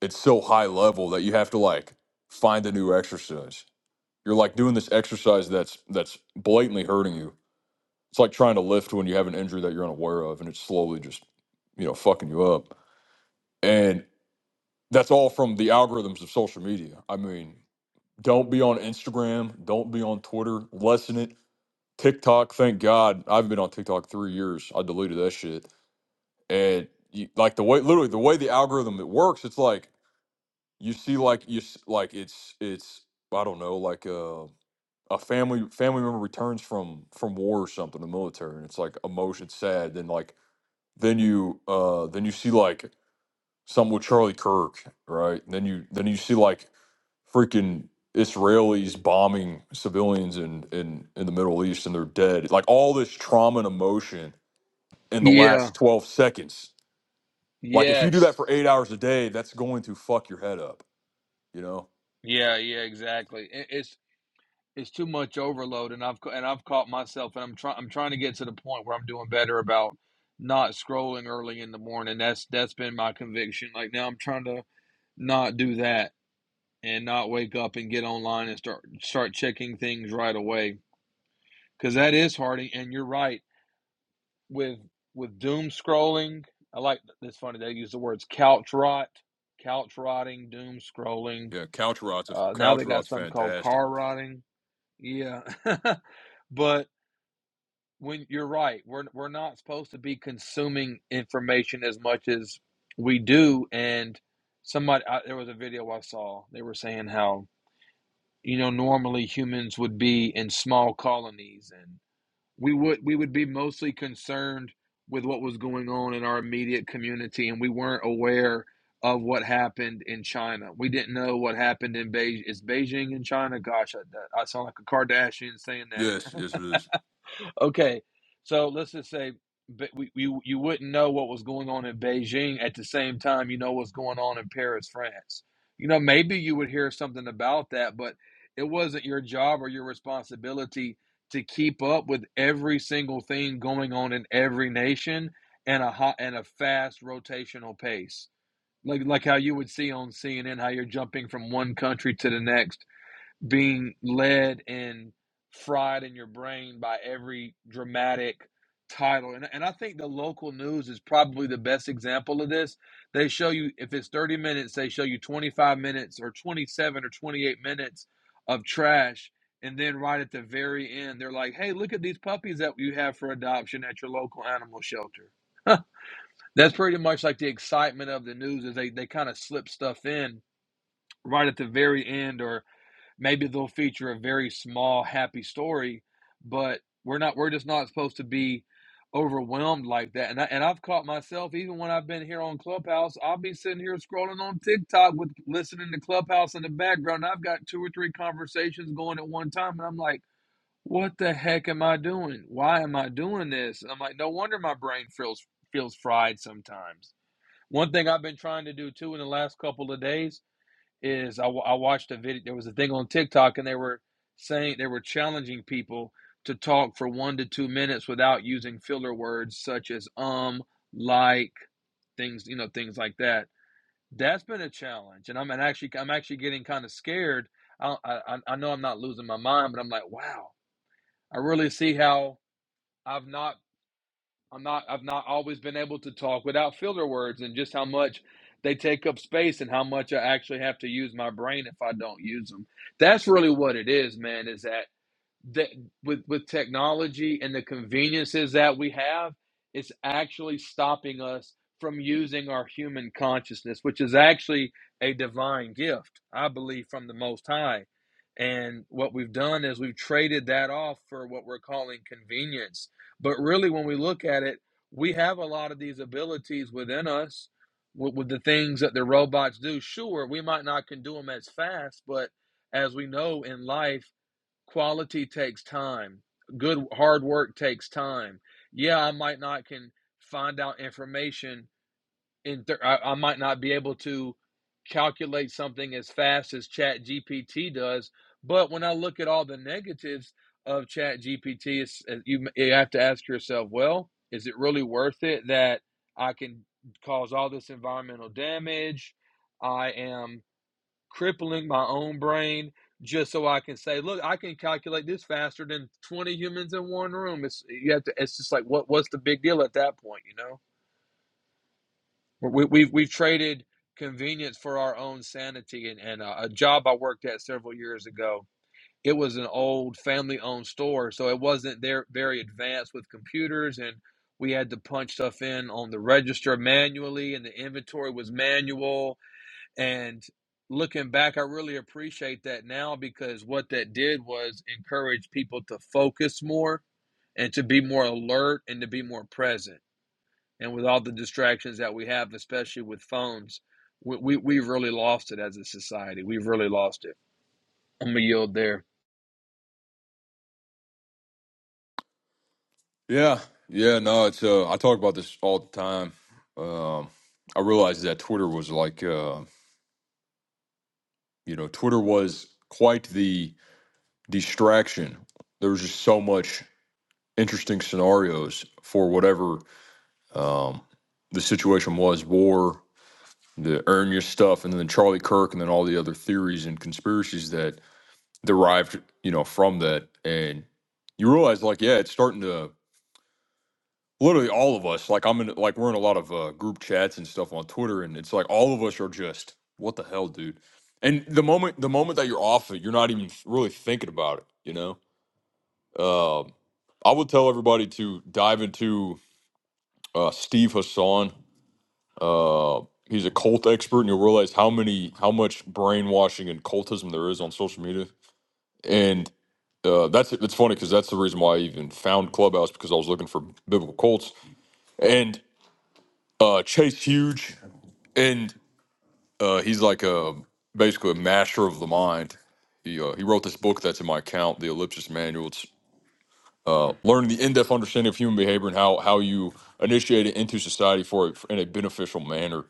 [SPEAKER 1] it's so high level that you have to like find a new exercise. You're like doing this exercise that's that's blatantly hurting you. It's like trying to lift when you have an injury that you're unaware of and it's slowly just, you know, fucking you up. And that's all from the algorithms of social media. I mean, don't be on Instagram, don't be on Twitter, lessen it. TikTok, thank God, I've been on TikTok 3 years. I deleted that shit. And you, like the way literally the way the algorithm it works, it's like you see like you s- like it's it's I don't know like a a family family member returns from from war or something the military and it's like emotion sad then like then you uh then you see like something with Charlie Kirk right then you then you see like freaking Israelis bombing civilians in in in the Middle East and they're dead like all this trauma and emotion in the
[SPEAKER 3] Yeah.
[SPEAKER 1] last 12 seconds like if you do that
[SPEAKER 3] Yes.
[SPEAKER 1] for 8 hours a day that's going to fuck your head up you know
[SPEAKER 3] Yeah. Yeah. Exactly. It, it's it's too much overload and I've and I've caught myself and I'm trying I'm trying to get to the point where I'm doing better about not scrolling early in the morning. That's that's been my conviction. Like now I'm trying to not do that and not wake up and get online and start start checking things right away cuz that is hard and you're right with with doom scrolling. I like it's funny they use the words couch rot, couch rotting, doom scrolling.
[SPEAKER 1] Yeah, couch rot's
[SPEAKER 3] Uh, now they
[SPEAKER 1] couch
[SPEAKER 3] got
[SPEAKER 1] rot's
[SPEAKER 3] something called
[SPEAKER 1] fantastic.
[SPEAKER 3] car rotting. Yeah. but when you're right we're we're not supposed to be consuming information as much as we do and somebody I, there was a video I saw they were saying how you know normally humans would be in small colonies and we would we would be mostly concerned with what was going on in our immediate community and we weren't aware of what happened in China. We didn't know what happened in Beijing. Is Beijing in China? Gosh, I, I sound like a Kardashian saying that.
[SPEAKER 1] This is it is.
[SPEAKER 3] Okay, so let's just say but we, you you wouldn't know what was going on in Beijing at the same time you know what's going on in Paris, France. You know, maybe you would hear something about that, but it wasn't your job or your responsibility to keep up with every single thing going on in every nation and a hot and a fast rotational pace. Like like how you would see on CNN how you're jumping from one country to the next being led and fried in your brain by every dramatic title. And, and I think the local news is probably the best example of this. They show you, if it's 30 minutes, they show you 25 minutes or 27 or 28 minutes of trash. And then right at the very end, they're like, hey, look at these puppies that you have for adoption at your local animal shelter. That's pretty much like the excitement of the news is they, they kind of slip stuff in right at the very end or. Maybe they'll feature a very small happy story, but we're not we're just not supposed to be overwhelmed like that. And I, and I've caught myself even when I've been here on Clubhouse, I'll be sitting here scrolling on TikTok with listening to Clubhouse in the background. I've got two or three conversations going at one time, and I'm like, what the heck am I doing? Why am I doing this? And I'm like, no wonder my brain feels feels fried sometimes. One thing I've been trying to do too in the last couple of days is I, I watched a video. There was a thing on TikTok, and they were saying they were challenging people to talk for one to two minutes without using filler words such as um, like, things you know, things like that. That's been a challenge, and I'm and actually I'm actually getting kind of scared. I I I know I'm not losing my mind, but I'm like, wow, I really see how I've not I'm not I've not always been able to talk without filler words and just how much they take up space and how much I actually have to use my brain if I don't use them. That's really what it is, man, is that that with with technology and the conveniences that we have it's actually stopping us from using our human consciousness which is actually a divine gift i believe from the most high and what we've done is we've traded that off for what we're calling convenience but really when we look at it we have a lot of these abilities within us with, with the things that the robots do sure we might not can do them as fast but as we know in life Quality takes time. Good hard work takes time. Yeah, I might not can find out information in thir- I, I might not be able to calculate something as fast as Chat GPT does, but when I look at all the negatives of Chat GPT, it's, uh, you, you have to ask yourself, well, is it really worth it that I can cause all this environmental damage? I am crippling my own brain just so I can say, look, I can calculate this faster than 20 humans in one room. It's you have to it's just like what what's the big deal at that point, you know? We we've we've traded convenience for our own sanity and and uh, a job I worked at several years ago. It was an old family-owned store, so it wasn't there very advanced with computers and we had to punch stuff in on the register manually and the inventory was manual and looking back, I really appreciate that now because what that did was encourage people to focus more and to be more alert and to be more present. And with all the distractions that we have, especially with phones, we, we, we've really lost it as a society. We've really lost it. I'm gonna yield there.
[SPEAKER 1] Yeah, yeah. No, it's. Uh, I talk about this all the time. Um, I realized that Twitter was like, uh, you know, Twitter was quite the distraction. There was just so much interesting scenarios for whatever um, the situation was, war, the earn your stuff, and then Charlie Kirk, and then all the other theories and conspiracies that derived, you know, from that. And you realize, like, yeah, it's starting to literally all of us like i'm in like we're in a lot of uh, group chats and stuff on twitter and it's like all of us are just what the hell dude and the moment the moment that you're off it you're not even really thinking about it you know um i would tell everybody to dive into uh, steve hassan uh, he's a cult expert and you'll realize how many how much brainwashing and cultism there is on social media and uh, that's it's funny because that's the reason why i even found clubhouse because i was looking for biblical cults and uh, Chase Huge, and uh, he's like a basically a master of the mind. He uh, he wrote this book that's in my account, the Ellipsis Manual. It's uh, learning the in-depth understanding of human behavior and how how you initiate it into society for in a beneficial manner.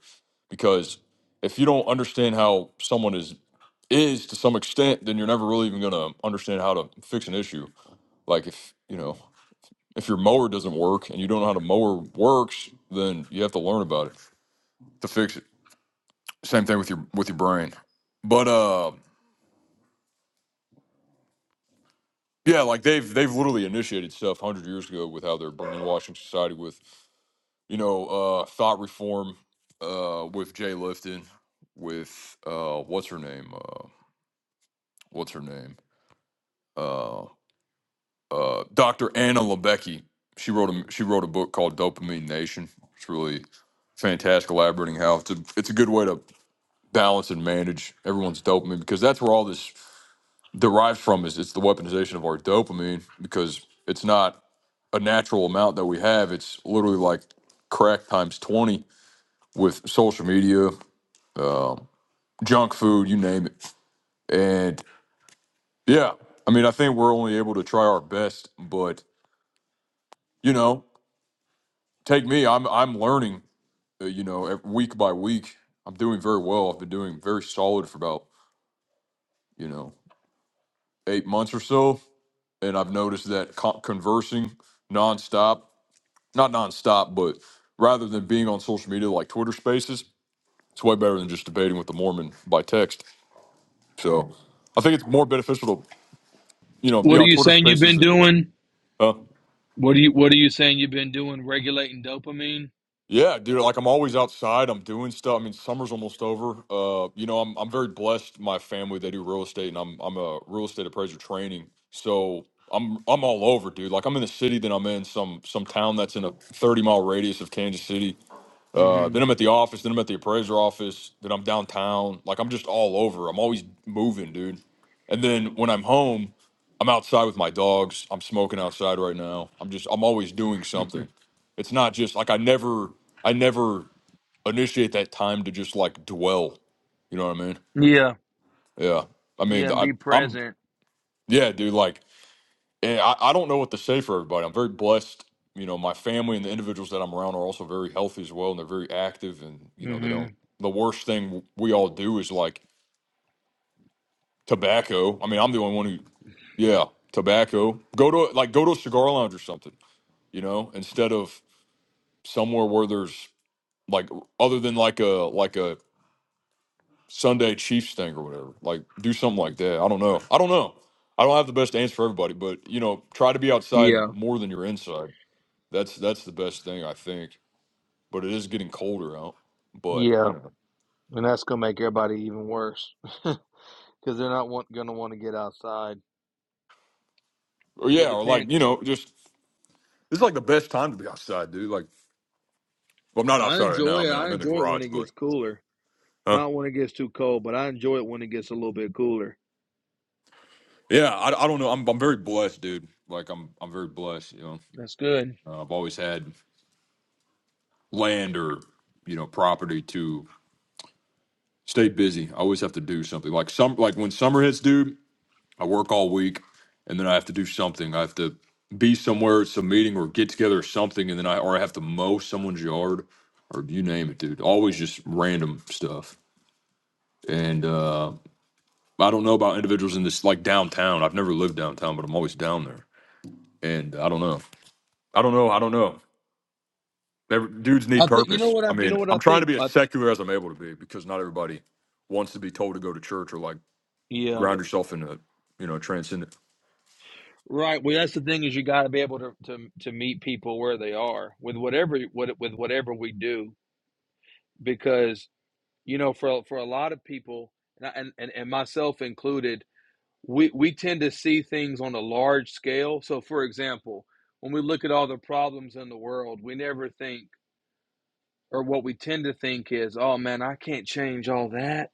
[SPEAKER 1] Because if you don't understand how someone is is to some extent, then you're never really even gonna understand how to fix an issue. Like if you know if your mower doesn't work and you don't know how the mower works, then you have to learn about it to fix it. Same thing with your with your brain. But uh yeah, like they've they've literally initiated stuff hundred years ago with how they're brainwashing society with you know uh thought reform uh with Jay Lifton with uh what's her name uh what's her name uh uh Dr. Anna Lebecki she wrote a she wrote a book called Dopamine Nation it's really fantastic elaborating how it's a, it's a good way to balance and manage everyone's dopamine because that's where all this derives from is it's the weaponization of our dopamine because it's not a natural amount that we have. It's literally like crack times 20 with social media, um, junk food, you name it. And yeah, I mean, I think we're only able to try our best, but you know, take me, I'm, I'm learning, uh, you know, week by week. I'm doing very well. I've been doing very solid for about, you know, eight months or so. And I've noticed that co- conversing nonstop not nonstop, but rather than being on social media like Twitter Spaces, it's way better than just debating with the Mormon by text. So I think it's more beneficial to you know be
[SPEAKER 3] What are
[SPEAKER 1] on
[SPEAKER 3] you
[SPEAKER 1] Twitter
[SPEAKER 3] saying you've
[SPEAKER 1] Spaces
[SPEAKER 3] been
[SPEAKER 1] and
[SPEAKER 3] doing?
[SPEAKER 1] uh,
[SPEAKER 3] What are you What are you saying you've been doing? Regulating dopamine.
[SPEAKER 1] yeah, dude. Like I'm always outside. I'm doing stuff. I mean, summer's almost over. Uh, you know, I'm I'm very blessed. My family they do real estate, and I'm I'm a real estate appraiser training. So. I'm I'm all over, dude. Like I'm in the city, then I'm in some some town that's in a 30 mile radius of Kansas City Uh,
[SPEAKER 3] hmm
[SPEAKER 1] then I'm at the office. Then I'm at the appraiser office. Then I'm downtown. Like I'm just all over. I'm always moving, dude. And then when I'm home, I'm outside with my dogs. I'm smoking outside right now. I'm just I'm always doing something. It's not just like I never I never initiate that time to just like dwell. You know what I mean?
[SPEAKER 3] yeah,
[SPEAKER 1] Yeah. I
[SPEAKER 3] yeah,
[SPEAKER 1] mean
[SPEAKER 3] and
[SPEAKER 1] I
[SPEAKER 3] be
[SPEAKER 1] I'm
[SPEAKER 3] present.
[SPEAKER 1] yeah, dude. Like and I, I don't know what to say for everybody. I'm very blessed. You know, my family and the individuals that I'm around are also very healthy as well, and they're very active. And you know, they
[SPEAKER 3] hmm
[SPEAKER 1] don't. The worst thing we all do is like tobacco. I mean, I'm the only one who, yeah, tobacco. Go to like go to a cigar lounge or something. You know, instead of somewhere where there's like other than like a like a Sunday Chiefs thing or whatever. Like do something like that. I don't know. I don't know. I don't have the best answer for everybody, but you know, try to be outside
[SPEAKER 3] Yeah,
[SPEAKER 1] more than you're inside. That's that's the best thing I think. But it is getting colder out. But
[SPEAKER 3] yeah.
[SPEAKER 1] you know,
[SPEAKER 3] And that's going to make everybody even worse because they're not want, going to want to get outside.
[SPEAKER 1] or
[SPEAKER 3] But
[SPEAKER 1] yeah,
[SPEAKER 3] the
[SPEAKER 1] or
[SPEAKER 3] pan,
[SPEAKER 1] like you know, just it's like the best time to be outside, dude. Like, well, I'm not
[SPEAKER 3] I
[SPEAKER 1] outside right now.
[SPEAKER 3] enjoy it.
[SPEAKER 1] I'm in,
[SPEAKER 3] I
[SPEAKER 1] I'm in the
[SPEAKER 3] enjoy it when
[SPEAKER 1] garage,
[SPEAKER 3] it
[SPEAKER 1] but
[SPEAKER 3] gets cooler.
[SPEAKER 1] huh?
[SPEAKER 3] Not when it gets too cold, but I enjoy it when it gets a little bit cooler.
[SPEAKER 1] Yeah, I, I don't know. I'm I'm very blessed, dude. Like I'm I'm very blessed. You know,
[SPEAKER 3] That's good.
[SPEAKER 1] uh, I've always had land or you know property to stay busy. I always have to do something. Like some like when summer hits, dude. I work all week and then I have to do something. I have to be somewhere, it's a meeting or get together or something, and then I or I have to mow someone's yard or you name it, dude. Always just random stuff. And uh I don't know about individuals in this like downtown. I've never lived downtown, but I'm always down there. And I don't know. I don't know. I don't know. Every, dudes need
[SPEAKER 3] I think you know
[SPEAKER 1] purpose.
[SPEAKER 3] what
[SPEAKER 1] I
[SPEAKER 3] I you
[SPEAKER 1] mean,
[SPEAKER 3] know what I
[SPEAKER 1] I'm trying to
[SPEAKER 3] think.
[SPEAKER 1] be as
[SPEAKER 3] I,
[SPEAKER 1] secular as I'm able to be because not everybody wants to be told to go to church or like
[SPEAKER 3] yeah,
[SPEAKER 1] ground yourself in a you know transcend.
[SPEAKER 3] right. Well, that's the thing is you got to be able to, to to meet people where they are with whatever what with whatever we do because you know for for a lot of people and I- and, and and myself included we we tend to see things on a large scale. So, for example, when we look at all the problems in the world, we never think, or what we tend to think is, "Oh man, I can't change all that."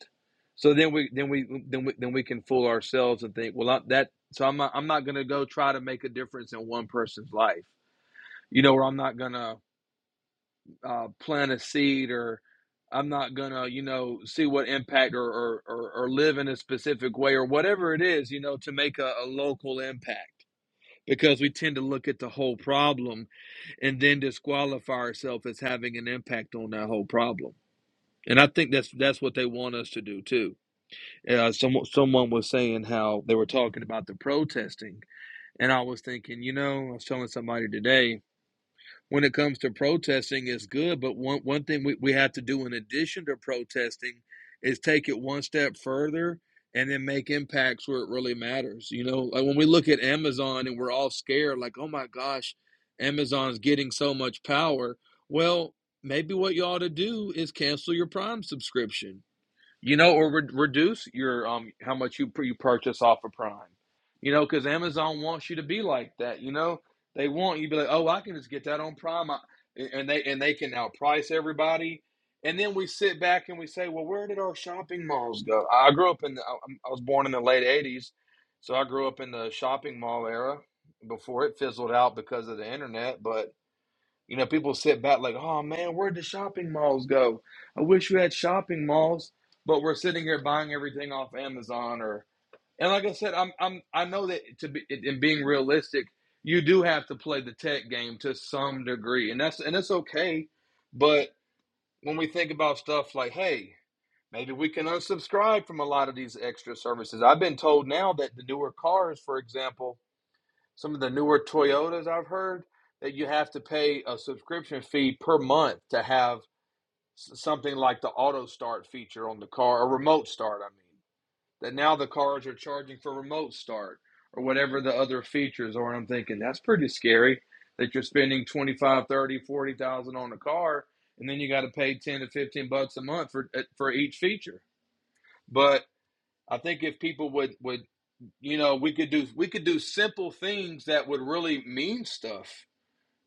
[SPEAKER 3] So then we then we then we then we can fool ourselves and think, "Well, I, that so I'm not, I'm not going to go try to make a difference in one person's life, you know, or I'm not going to uh, plant a seed or." I'm not gonna, you know, see what impact or, or or or live in a specific way or whatever it is, you know, to make a, a local impact because we tend to look at the whole problem and then disqualify ourselves as having an impact on that whole problem. And I think that's that's what they want us to do too. Uh, someone someone was saying how they were talking about the protesting, and I was thinking, you know, I was telling somebody today when it comes to protesting is good, but one one thing we, we have to do in addition to protesting is take it one step further and then make impacts where it really matters. You know, like when we look at Amazon and we're all scared, like, oh my gosh, Amazon's getting so much power. Well, maybe what you ought to do is cancel your Prime subscription you know, or re- reduce your um how much you you purchase off of Prime. You know, because Amazon wants you to be like that. You know, they want you to be like, oh, I can just get that on Prime, I, and they and they can outprice everybody. And then we sit back and we say, well, where did our shopping malls go? I grew up in the, I I'm- I was born in the late '80s, so I grew up in the shopping mall era before it fizzled out because of the internet, but. You know, people sit back like, oh man, where'd the shopping malls go? I wish we had shopping malls, but we're sitting here buying everything off Amazon or and like I said, I'm I'm I know that to be in being realistic, you do have to play the tech game to some degree. And that's and that's okay. But when we think about stuff like, hey, maybe we can unsubscribe from a lot of these extra services. I've been told now that the newer cars, for example, some of the newer Toyotas I've heard that you have to pay a subscription fee per month to have something like the auto start feature on the car, or remote start, I mean. That now the cars are charging for remote start or whatever the other features are. And I'm thinking that's pretty scary that you're spending 25, 30, 40,000 on a car and then you got to pay 10 to 15 bucks a month for eh, for each feature. But I think if people would would you know, we could do we could do simple things that would really mean stuff.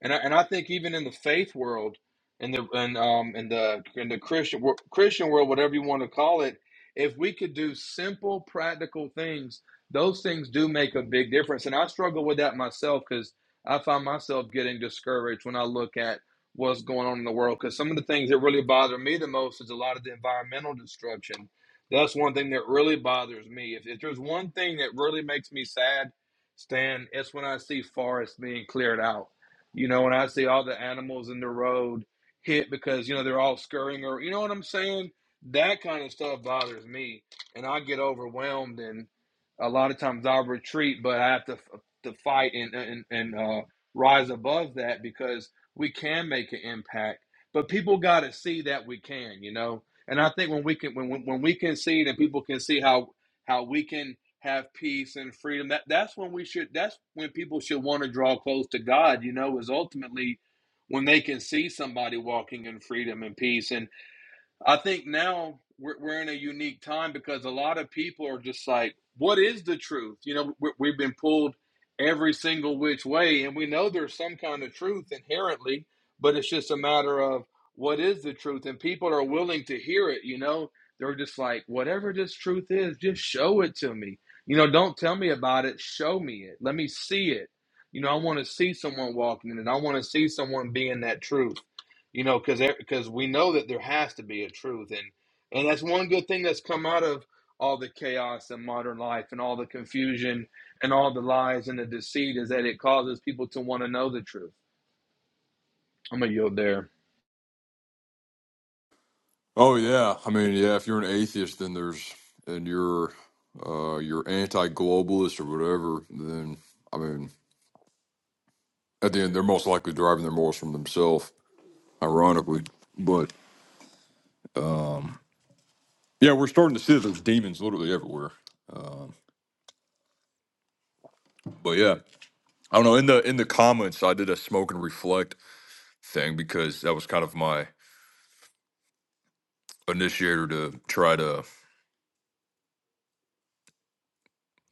[SPEAKER 3] And I, and I think even in the faith world, in the and um in the in the Christian wor- Christian world, whatever you want to call it, if we could do simple, practical things, those things do make a big difference. And I struggle with that myself because I find myself getting discouraged when I look at what's going on in the world. Because some of the things that really bother me the most is a lot of the environmental destruction. That's one thing that really bothers me. If, if there's one thing that really makes me sad, Stan, it's when I see forests being cleared out you know, when I see all the animals in the road hit because, you know, they're all scurrying or, you know what I'm saying? That kind of stuff bothers me. And I get overwhelmed and a lot of times I'll retreat, but I have to, to fight and, and, and uh, rise above that because we can make an impact. But people got to see that we can, you know? And I think when we can, when, when we can see it and people can see how, how we can have peace and freedom. That that's when we should that's when people should want to draw close to God, you know, is ultimately when they can see somebody walking in freedom and peace. and. I think now we're, we're in a unique time because a lot of people are just like, what is the truth? You know, we, we've been pulled every single which way, and we know there's some kind of truth inherently, but it's just a matter of what is the truth, and people are willing to hear it. You know, they're just like, whatever this truth is, just show it to me. You know, don't tell me about it, show me it. Let me see it. You know, I want to see someone walking in it. I want to see someone being that truth you know because because we know that there has to be a truth and and that's one good thing that's come out of all the chaos in modern life and all the confusion and all the lies and the deceit is that it causes people to want to know the truth i'm gonna yield there
[SPEAKER 1] Oh yeah, I mean yeah. If you're an atheist, then there's and you're uh, you're anti-globalist or whatever. Then I mean, at the end, they're most likely deriving their morals from themselves, ironically. But yeah, we're starting to see that there's demons literally everywhere. But yeah, I don't know. In the in the comments, I did a smoke and reflect thing because that was kind of my initiator to try to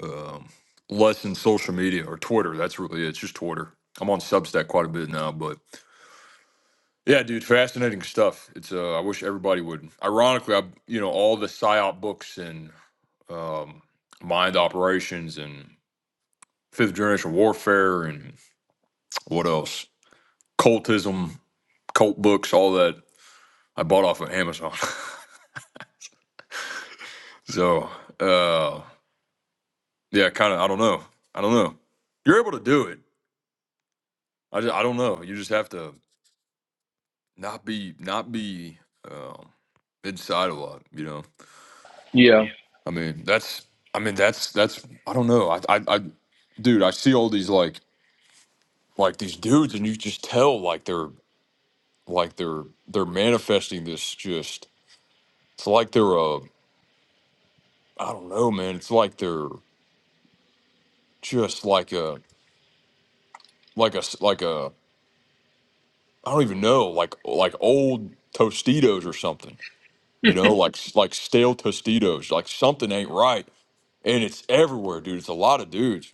[SPEAKER 1] um, lessen social media or Twitter. That's really it. It's just Twitter. I'm on Substack quite a bit now, but Yeah, dude, fascinating stuff. It's uh, I wish everybody would. Ironically, I you know all the psyop books and um, mind operations and fifth generation warfare and what else? Cultism, cult books, all that. I bought off of Amazon. so uh, yeah, kind of. I don't know. I don't know. You're able to do it. I just, I don't know. You just have to not be not be um, inside a lot. You know.
[SPEAKER 3] yeah
[SPEAKER 1] I mean, that's I mean that's that's I don't know. I I, I dude, I see all these like like these dudes and you just tell like they're like they're they're manifesting this just it's like they're a I don't know, man. It's like they're just like a like a s- like a I don't even know, like like old Tostitos or something. You know, like s- like stale Tostitos, like something ain't right. And it's everywhere, dude. It's a lot of dudes.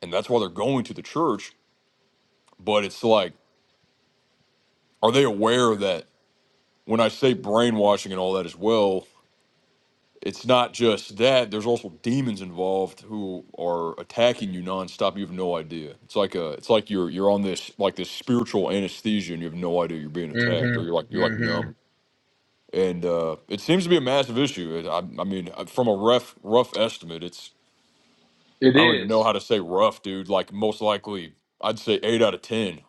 [SPEAKER 1] And that's why they're going to the church, but it's like are they aware that when I say brainwashing and all that as well, it's not just that. There's also demons involved who are attacking you nonstop. You have no idea. It's like a, it's like you're you're on this like this spiritual anesthesia, and you have no idea you're being attacked, or you're like
[SPEAKER 3] mm-hmm
[SPEAKER 1] you're like
[SPEAKER 3] mm-hmm
[SPEAKER 1] numb. And uh, it seems to be a massive issue. It- I, I mean, uh, from a rough rough estimate, it's
[SPEAKER 3] it
[SPEAKER 1] I don't even know
[SPEAKER 3] is
[SPEAKER 1] how to say rough, dude. Like most likely, I'd say eight out of ten.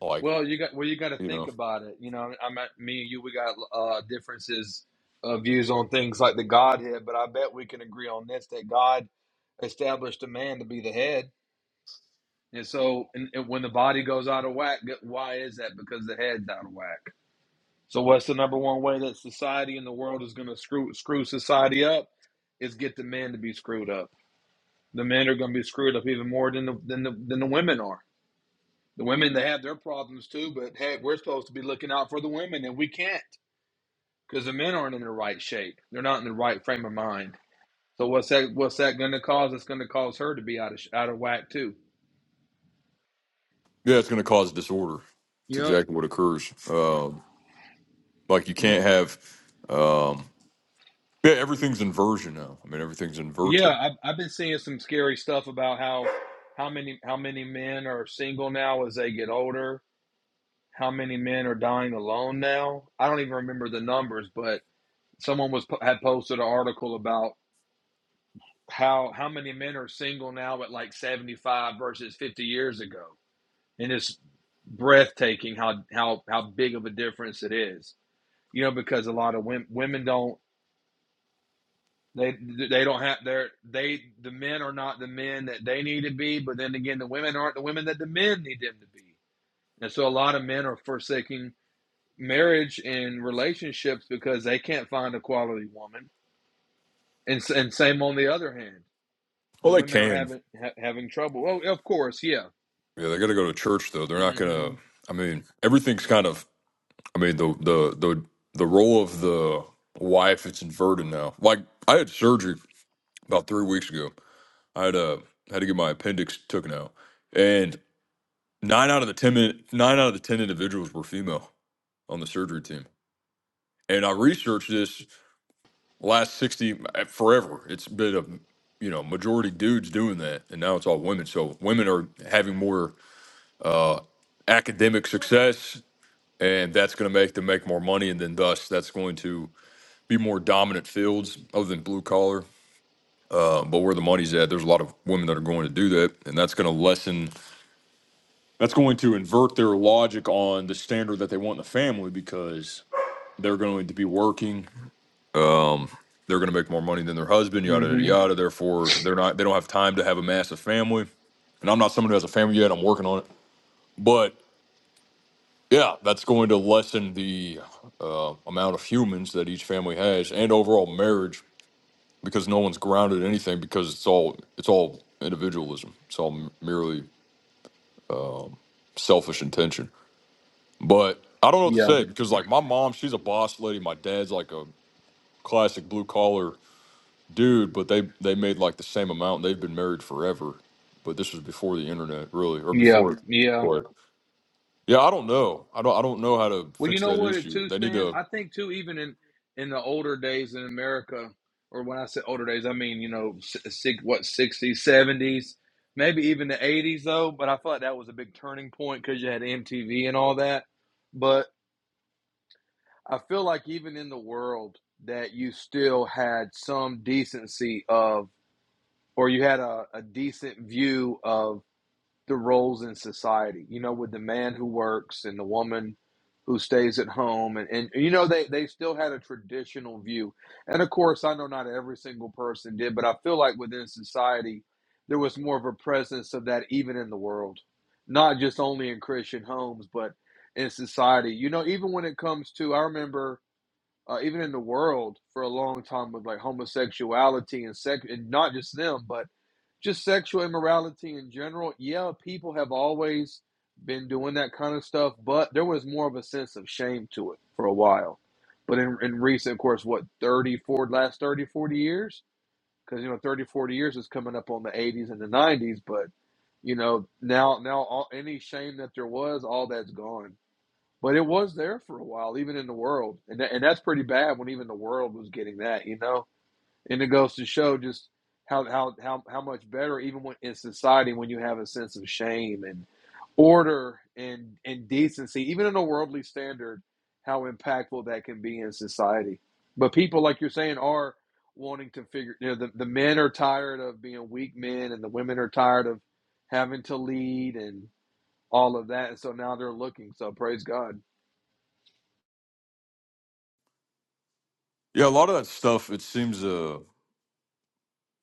[SPEAKER 1] Like
[SPEAKER 3] well you got well you got to
[SPEAKER 1] you
[SPEAKER 3] think
[SPEAKER 1] know,
[SPEAKER 3] about it you know i'm at me and you we got uh differences of views on things like the godhead but i bet we can agree on this that god established a man to be the head And so, and, and when the body goes out of whack, why is that? Because the head's out of whack. So, what's the number one way that society and the world is going to screw screw society up? Is get the men to be screwed up. The men are going to be screwed up even more than the than the, than the women are. The women they have their problems too, but hey, we're supposed to be looking out for the women, and we can't because the men aren't in the right shape. They're not in the right frame of mind. So, what's that? What's that going to cause? It's going to cause her to be out of out of whack too.
[SPEAKER 1] yeah, it's going to cause disorder. It's
[SPEAKER 3] Yep.
[SPEAKER 1] exactly what occurs. Uh, Like you can't have, um, yeah, everything's inversion now. I mean, everything's
[SPEAKER 3] Yeah,
[SPEAKER 1] inverted.
[SPEAKER 3] I've, I've been seeing some scary stuff about how how many how many men are single now as they get older. How many men are dying alone now? I don't even remember the numbers, but someone was po- had posted an article about how how many men are single now at like 75 versus 50 years ago. And it's breathtaking how how how big of a difference it is. You know, because a lot of women women don't They they don't have their they the men are not the men that they need to be, but then again, the women aren't the women that the men need them to be. And so a lot of men are forsaking marriage and relationships because they can't find a quality woman. And and same on the other hand, the
[SPEAKER 1] Well, they
[SPEAKER 3] women are
[SPEAKER 1] can.
[SPEAKER 3] having ha- having trouble. Oh, of course, yeah.
[SPEAKER 1] Yeah, they got to go to church though. They're not
[SPEAKER 3] mm Mhm.
[SPEAKER 1] gonna. I mean, everything's kind of. I mean, the the the the role of the wife it's inverted now. Like I had surgery about three weeks ago. I had uh had to get my appendix taken out, and nine out of the ten min- nine out of the ten individuals were female on the surgery team. And I researched this last 60 uh, forever it's been a you know majority dudes doing that and now it's all women so women are having more uh academic success and that's going to make them make more money and then thus that's going to be more dominant fields other than blue collar uh, but where the money's at there's a lot of women that are going to do that and that's going to lessen that's going to invert their logic on the standard that they want in the family because they're going to be working Um, They're going to make more money than their husband,
[SPEAKER 3] mm
[SPEAKER 1] yada yada
[SPEAKER 3] Mhm.
[SPEAKER 1] yada. Therefore, they're not. They don't have time to have a massive family. And I'm not someone who has a family yet. I'm working on it. But yeah, that's going to lessen the uh, amount of humans that each family has, and overall marriage, because no one's grounded in anything. Because it's all it's all individualism. It's all merely um, selfish intention. But I don't know what to
[SPEAKER 3] Yeah.
[SPEAKER 1] say because like my mom, she's a boss lady. My dad's like a classic blue collar Dude, but they they made like the same amount. They've been married forever, but this was before the internet, really, or
[SPEAKER 3] Yeah.
[SPEAKER 1] before.
[SPEAKER 3] Yeah.
[SPEAKER 1] What? Yeah, I don't know. I don't. I don't know how to
[SPEAKER 3] Well, you
[SPEAKER 1] fix
[SPEAKER 3] know
[SPEAKER 1] that
[SPEAKER 3] what it
[SPEAKER 1] issue.
[SPEAKER 3] too,
[SPEAKER 1] They need
[SPEAKER 3] Stan.
[SPEAKER 1] to.
[SPEAKER 3] I think too, even in in the older days in America, or when I say older days, I mean you know s- six, what sixties, seventies, maybe even the eighties though. But I feel like that was a big turning point because you had MTV and all that. But I feel like even in the world that you still had some decency of, or you had a, a decent view of the roles in society. You know, with the man who works and the woman who stays at home, and, and you know they they still had a traditional view. And of course, I know not every single person did, but I feel like within society there was more of a presence of that even in the world, not just only in Christian homes, but in society. You know, even when it comes to, I remember uh, even in the world for a long time with like homosexuality and sex and not just them but just sexual immorality in general yeah people have always been doing that kind of stuff but there was more of a sense of shame to it for a while but in, in recent of course what 30 forty, last 30 40 years because you know 30 40 years is coming up on the 80s and the 90s but you know now now all, any shame that there was all that's gone but it was there for a while, even in the world, and tha- and that's pretty bad when even the world was getting that, you know. And it goes to show just how how how how much better even when in society when you have a sense of shame and order and and decency, even in a worldly standard, how impactful that can be in society. But people, like you're saying, are wanting to figure. You know, the the men are tired of being weak men, and the women are tired of having to lead and all of that. And so now they're looking. So praise God.
[SPEAKER 1] Yeah, a lot of that stuff. It seems. Uh,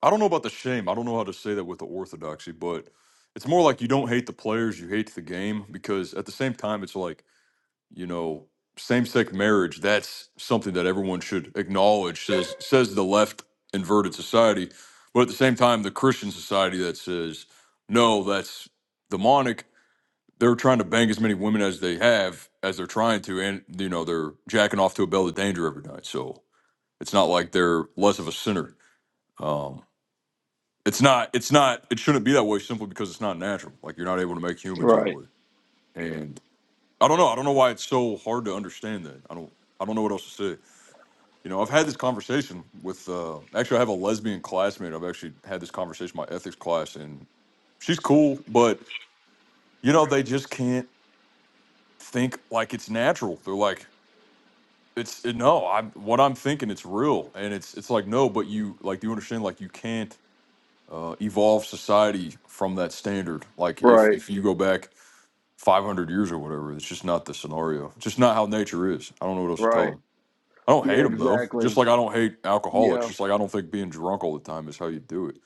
[SPEAKER 1] I don't know about the shame. I don't know how to say that with the orthodoxy, but it's more like you don't hate the players, you hate the game, because at the same time, it's like you know same-sex marriage that's something that everyone should acknowledge says says the left inverted society but at the same time the christian society that says no that's demonic they're trying to bang as many women as they have as they're trying to and you know they're jacking off to a bell of danger every night so it's not like they're less of a sinner um it's not it's not it shouldn't be that way simply because it's not natural like you're not able to make humans that
[SPEAKER 3] Right,
[SPEAKER 1] way And. I don't know. I don't know why it's so hard to understand that. I don't. I don't know what else to say. You know, I've had this conversation with. Uh, actually, I have a lesbian classmate. I've actually had this conversation in my ethics class, and she's cool, but you know, they just can't think like it's natural. They're like, it's it, no. I'm what I'm thinking. It's real, and it's it's like no, but you like. Do you understand? Like you can't uh, evolve society from that standard. Like if
[SPEAKER 3] right,
[SPEAKER 1] if you go back 500 years or whatever, it's just not the scenario. It's just not how nature is. I don't know what else to tell
[SPEAKER 3] right.
[SPEAKER 1] them. I don't
[SPEAKER 3] Yeah,
[SPEAKER 1] hate them though.
[SPEAKER 3] exactly.
[SPEAKER 1] Just like I don't hate alcoholics.
[SPEAKER 3] Yeah,
[SPEAKER 1] Just like I don't think being drunk all the time is how you do it.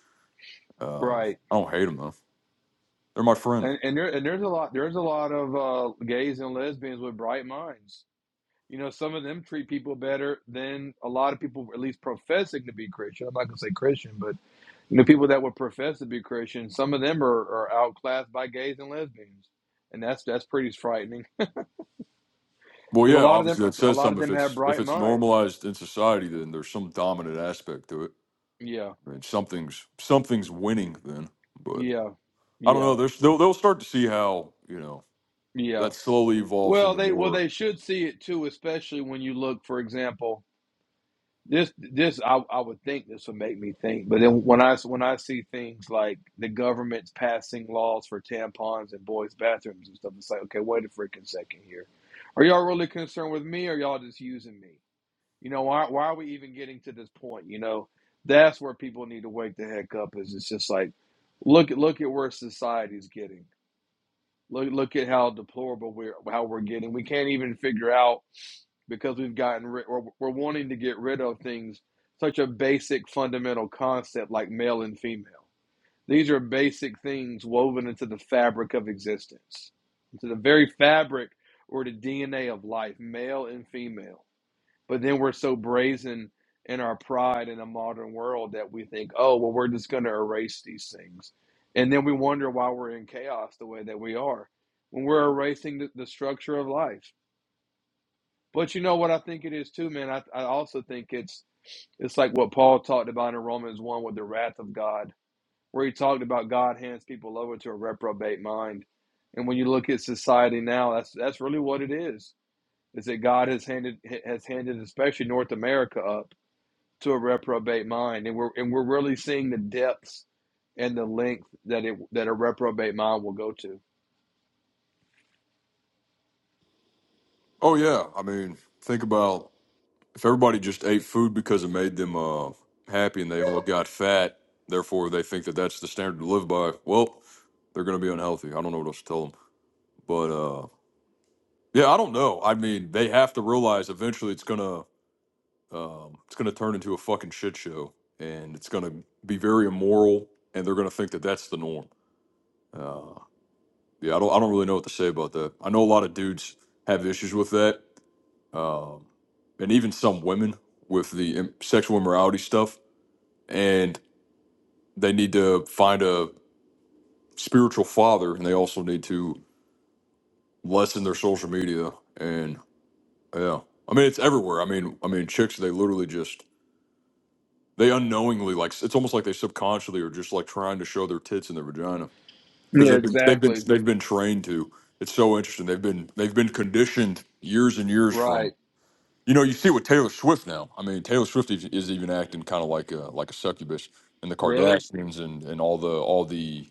[SPEAKER 1] Um,
[SPEAKER 3] right.
[SPEAKER 1] I don't hate them though. They're my friend.
[SPEAKER 3] And and there and there's a lot there's a lot of uh, gays and lesbians with bright minds. You know, some of them treat people better than a lot of people, at least professing to be Christian. I'm not gonna say Christian, but you know, people that would profess to be Christian, some of them are, are outclassed by gays and lesbians, and that's that's pretty frightening
[SPEAKER 1] Well,
[SPEAKER 3] because a
[SPEAKER 1] yeah,
[SPEAKER 3] lot of them
[SPEAKER 1] obviously that
[SPEAKER 3] a
[SPEAKER 1] says
[SPEAKER 3] lot of
[SPEAKER 1] something. If
[SPEAKER 3] them have
[SPEAKER 1] it's if
[SPEAKER 3] bright
[SPEAKER 1] it's
[SPEAKER 3] minds.
[SPEAKER 1] normalized in society, then there's some dominant aspect to it.
[SPEAKER 3] Yeah,
[SPEAKER 1] I mean, something's something's winning then. But
[SPEAKER 3] yeah,
[SPEAKER 1] I don't
[SPEAKER 3] yeah,
[SPEAKER 1] know. There's they'll, they'll start to see how you know
[SPEAKER 3] yeah.
[SPEAKER 1] that slowly evolves
[SPEAKER 3] Well,
[SPEAKER 1] into
[SPEAKER 3] they well
[SPEAKER 1] more.
[SPEAKER 3] they should see it too, especially when you look, for example, this this I, I would think this would make me think, but then when I when I see things like the government's passing laws for tampons in boys' bathrooms and stuff, it's like, okay, wait a freaking second here. Are y'all really concerned with me, or y'all just using me? You know, why why are we even getting to this point? You know, that's where people need to wake the heck up. Is it's just like look at look at where society's getting. Look look at how deplorable we're how we're getting. We can't even figure out because we've gotten rid or we're wanting to get rid of things such a basic fundamental concept like male and female these are basic things woven into the fabric of existence into the very fabric or the dna of life male and female but then we're so brazen in our pride in a modern world that we think oh well we're just going to erase these things and then we wonder why we're in chaos the way that we are when we're erasing the, the structure of life but you know what I think it is too, man. I, I also think it's it's like what Paul talked about in Romans one with the wrath of God, where he talked about God hands people over to a reprobate mind. And when you look at society now, that's that's really what it is. Is that God has handed has handed especially North America up to a reprobate mind, and we're and we're really seeing the depths and the length that it that a reprobate mind will go to.
[SPEAKER 1] Oh yeah, I mean, think about If everybody just ate food because it made them uh, happy and they all got fat, therefore they think that that's the standard to live by, well, they're going to be unhealthy. I don't know what else to tell them. But uh, yeah, I don't know. I mean, they have to realize eventually it's going to um, it's going to turn into a fucking shit show and it's going to be very immoral and they're going to think that that's the norm. Uh, yeah, I don't I don't really know what to say about that. I know a lot of dudes have issues with that. Um, and even some women with the im- sexual immorality stuff. and they need to find a spiritual father and they also need to lessen their social media and yeah i mean it's everywhere i mean i mean chicks they literally just they unknowingly like it's almost like they subconsciously are just like trying to show their tits and their vagina because
[SPEAKER 3] Yeah,
[SPEAKER 1] they've been they've been
[SPEAKER 3] exactly.
[SPEAKER 1] they've been trained to it's so interesting they've been they've been conditioned years and years from
[SPEAKER 3] Right.
[SPEAKER 1] you know you see with taylor swift now i mean taylor swift is, is even acting kind of like a like a succubus and the
[SPEAKER 3] Really?
[SPEAKER 1] kardashians and and all the all the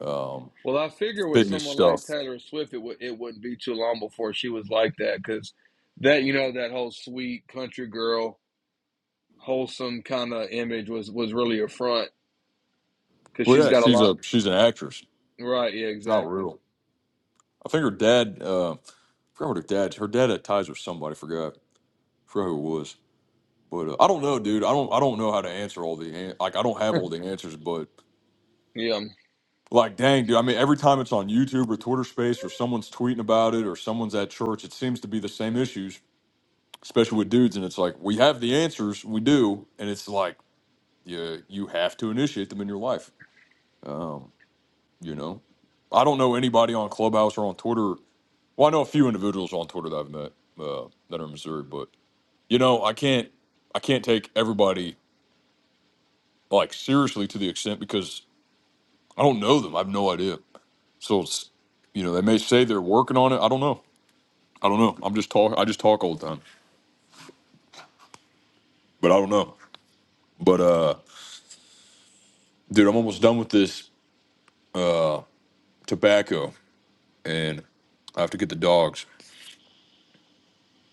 [SPEAKER 1] um
[SPEAKER 3] Well, I figure with
[SPEAKER 1] fitness
[SPEAKER 3] someone like
[SPEAKER 1] stuff.
[SPEAKER 3] Taylor Swift, it would it wouldn't be too long before she was like that because that you know that whole sweet country girl, wholesome kind of image was was really a front because
[SPEAKER 1] Well,
[SPEAKER 3] she's
[SPEAKER 1] yeah,
[SPEAKER 3] got a
[SPEAKER 1] she's
[SPEAKER 3] lot.
[SPEAKER 1] a she's an actress.
[SPEAKER 3] Right? Yeah,
[SPEAKER 1] It's not
[SPEAKER 3] exactly.
[SPEAKER 1] real. I think her dad. Uh, I forgot what her dad. Her dad had ties with somebody. Forgot. Forgot who it was. But uh, I don't know, dude. I don't. I don't know how to answer all the an- like. I don't have all the answers, but
[SPEAKER 3] Yeah,
[SPEAKER 1] like, dang, dude. I mean, every time it's on YouTube or Twitter Space or someone's tweeting about it or someone's at church, it seems to be the same issues, especially with dudes. And it's like we have the answers, we do, and it's like you you have to initiate them in your life. Um, you know, I don't know anybody on Clubhouse or on Twitter Well, I know a few individuals on Twitter that I've met uh, that are in Missouri, but you know, I can't I can't take everybody like seriously to the extent because I don't know them. I have no idea. So it's you know, they may say they're working on it. I don't know. I don't know. I'm just talk I just talk all the time. But I don't know. But uh dude, I'm almost done with this uh tobacco and I have to get the dogs.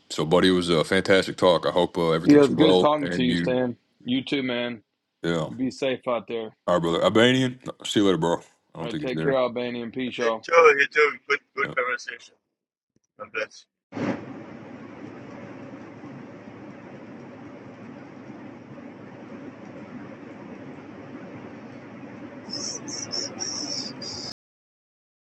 [SPEAKER 1] So buddy, it was a fantastic talk. I hope uh,
[SPEAKER 3] yeah.
[SPEAKER 1] everything's
[SPEAKER 3] It's good
[SPEAKER 1] well
[SPEAKER 3] talking to
[SPEAKER 1] and
[SPEAKER 3] you,
[SPEAKER 1] you
[SPEAKER 3] Stan. You too, man.
[SPEAKER 1] yeah. All
[SPEAKER 3] You be safe out there.
[SPEAKER 1] right, brother. Albanian. See you later, bro. I
[SPEAKER 3] All
[SPEAKER 1] don't
[SPEAKER 3] right,
[SPEAKER 1] think he's
[SPEAKER 3] take care,
[SPEAKER 1] there.
[SPEAKER 3] Albania and peace,
[SPEAKER 4] Hey,
[SPEAKER 3] y'all.
[SPEAKER 4] Joe, hey, Joe. Good, good
[SPEAKER 1] Yeah.
[SPEAKER 4] conversation. God bless.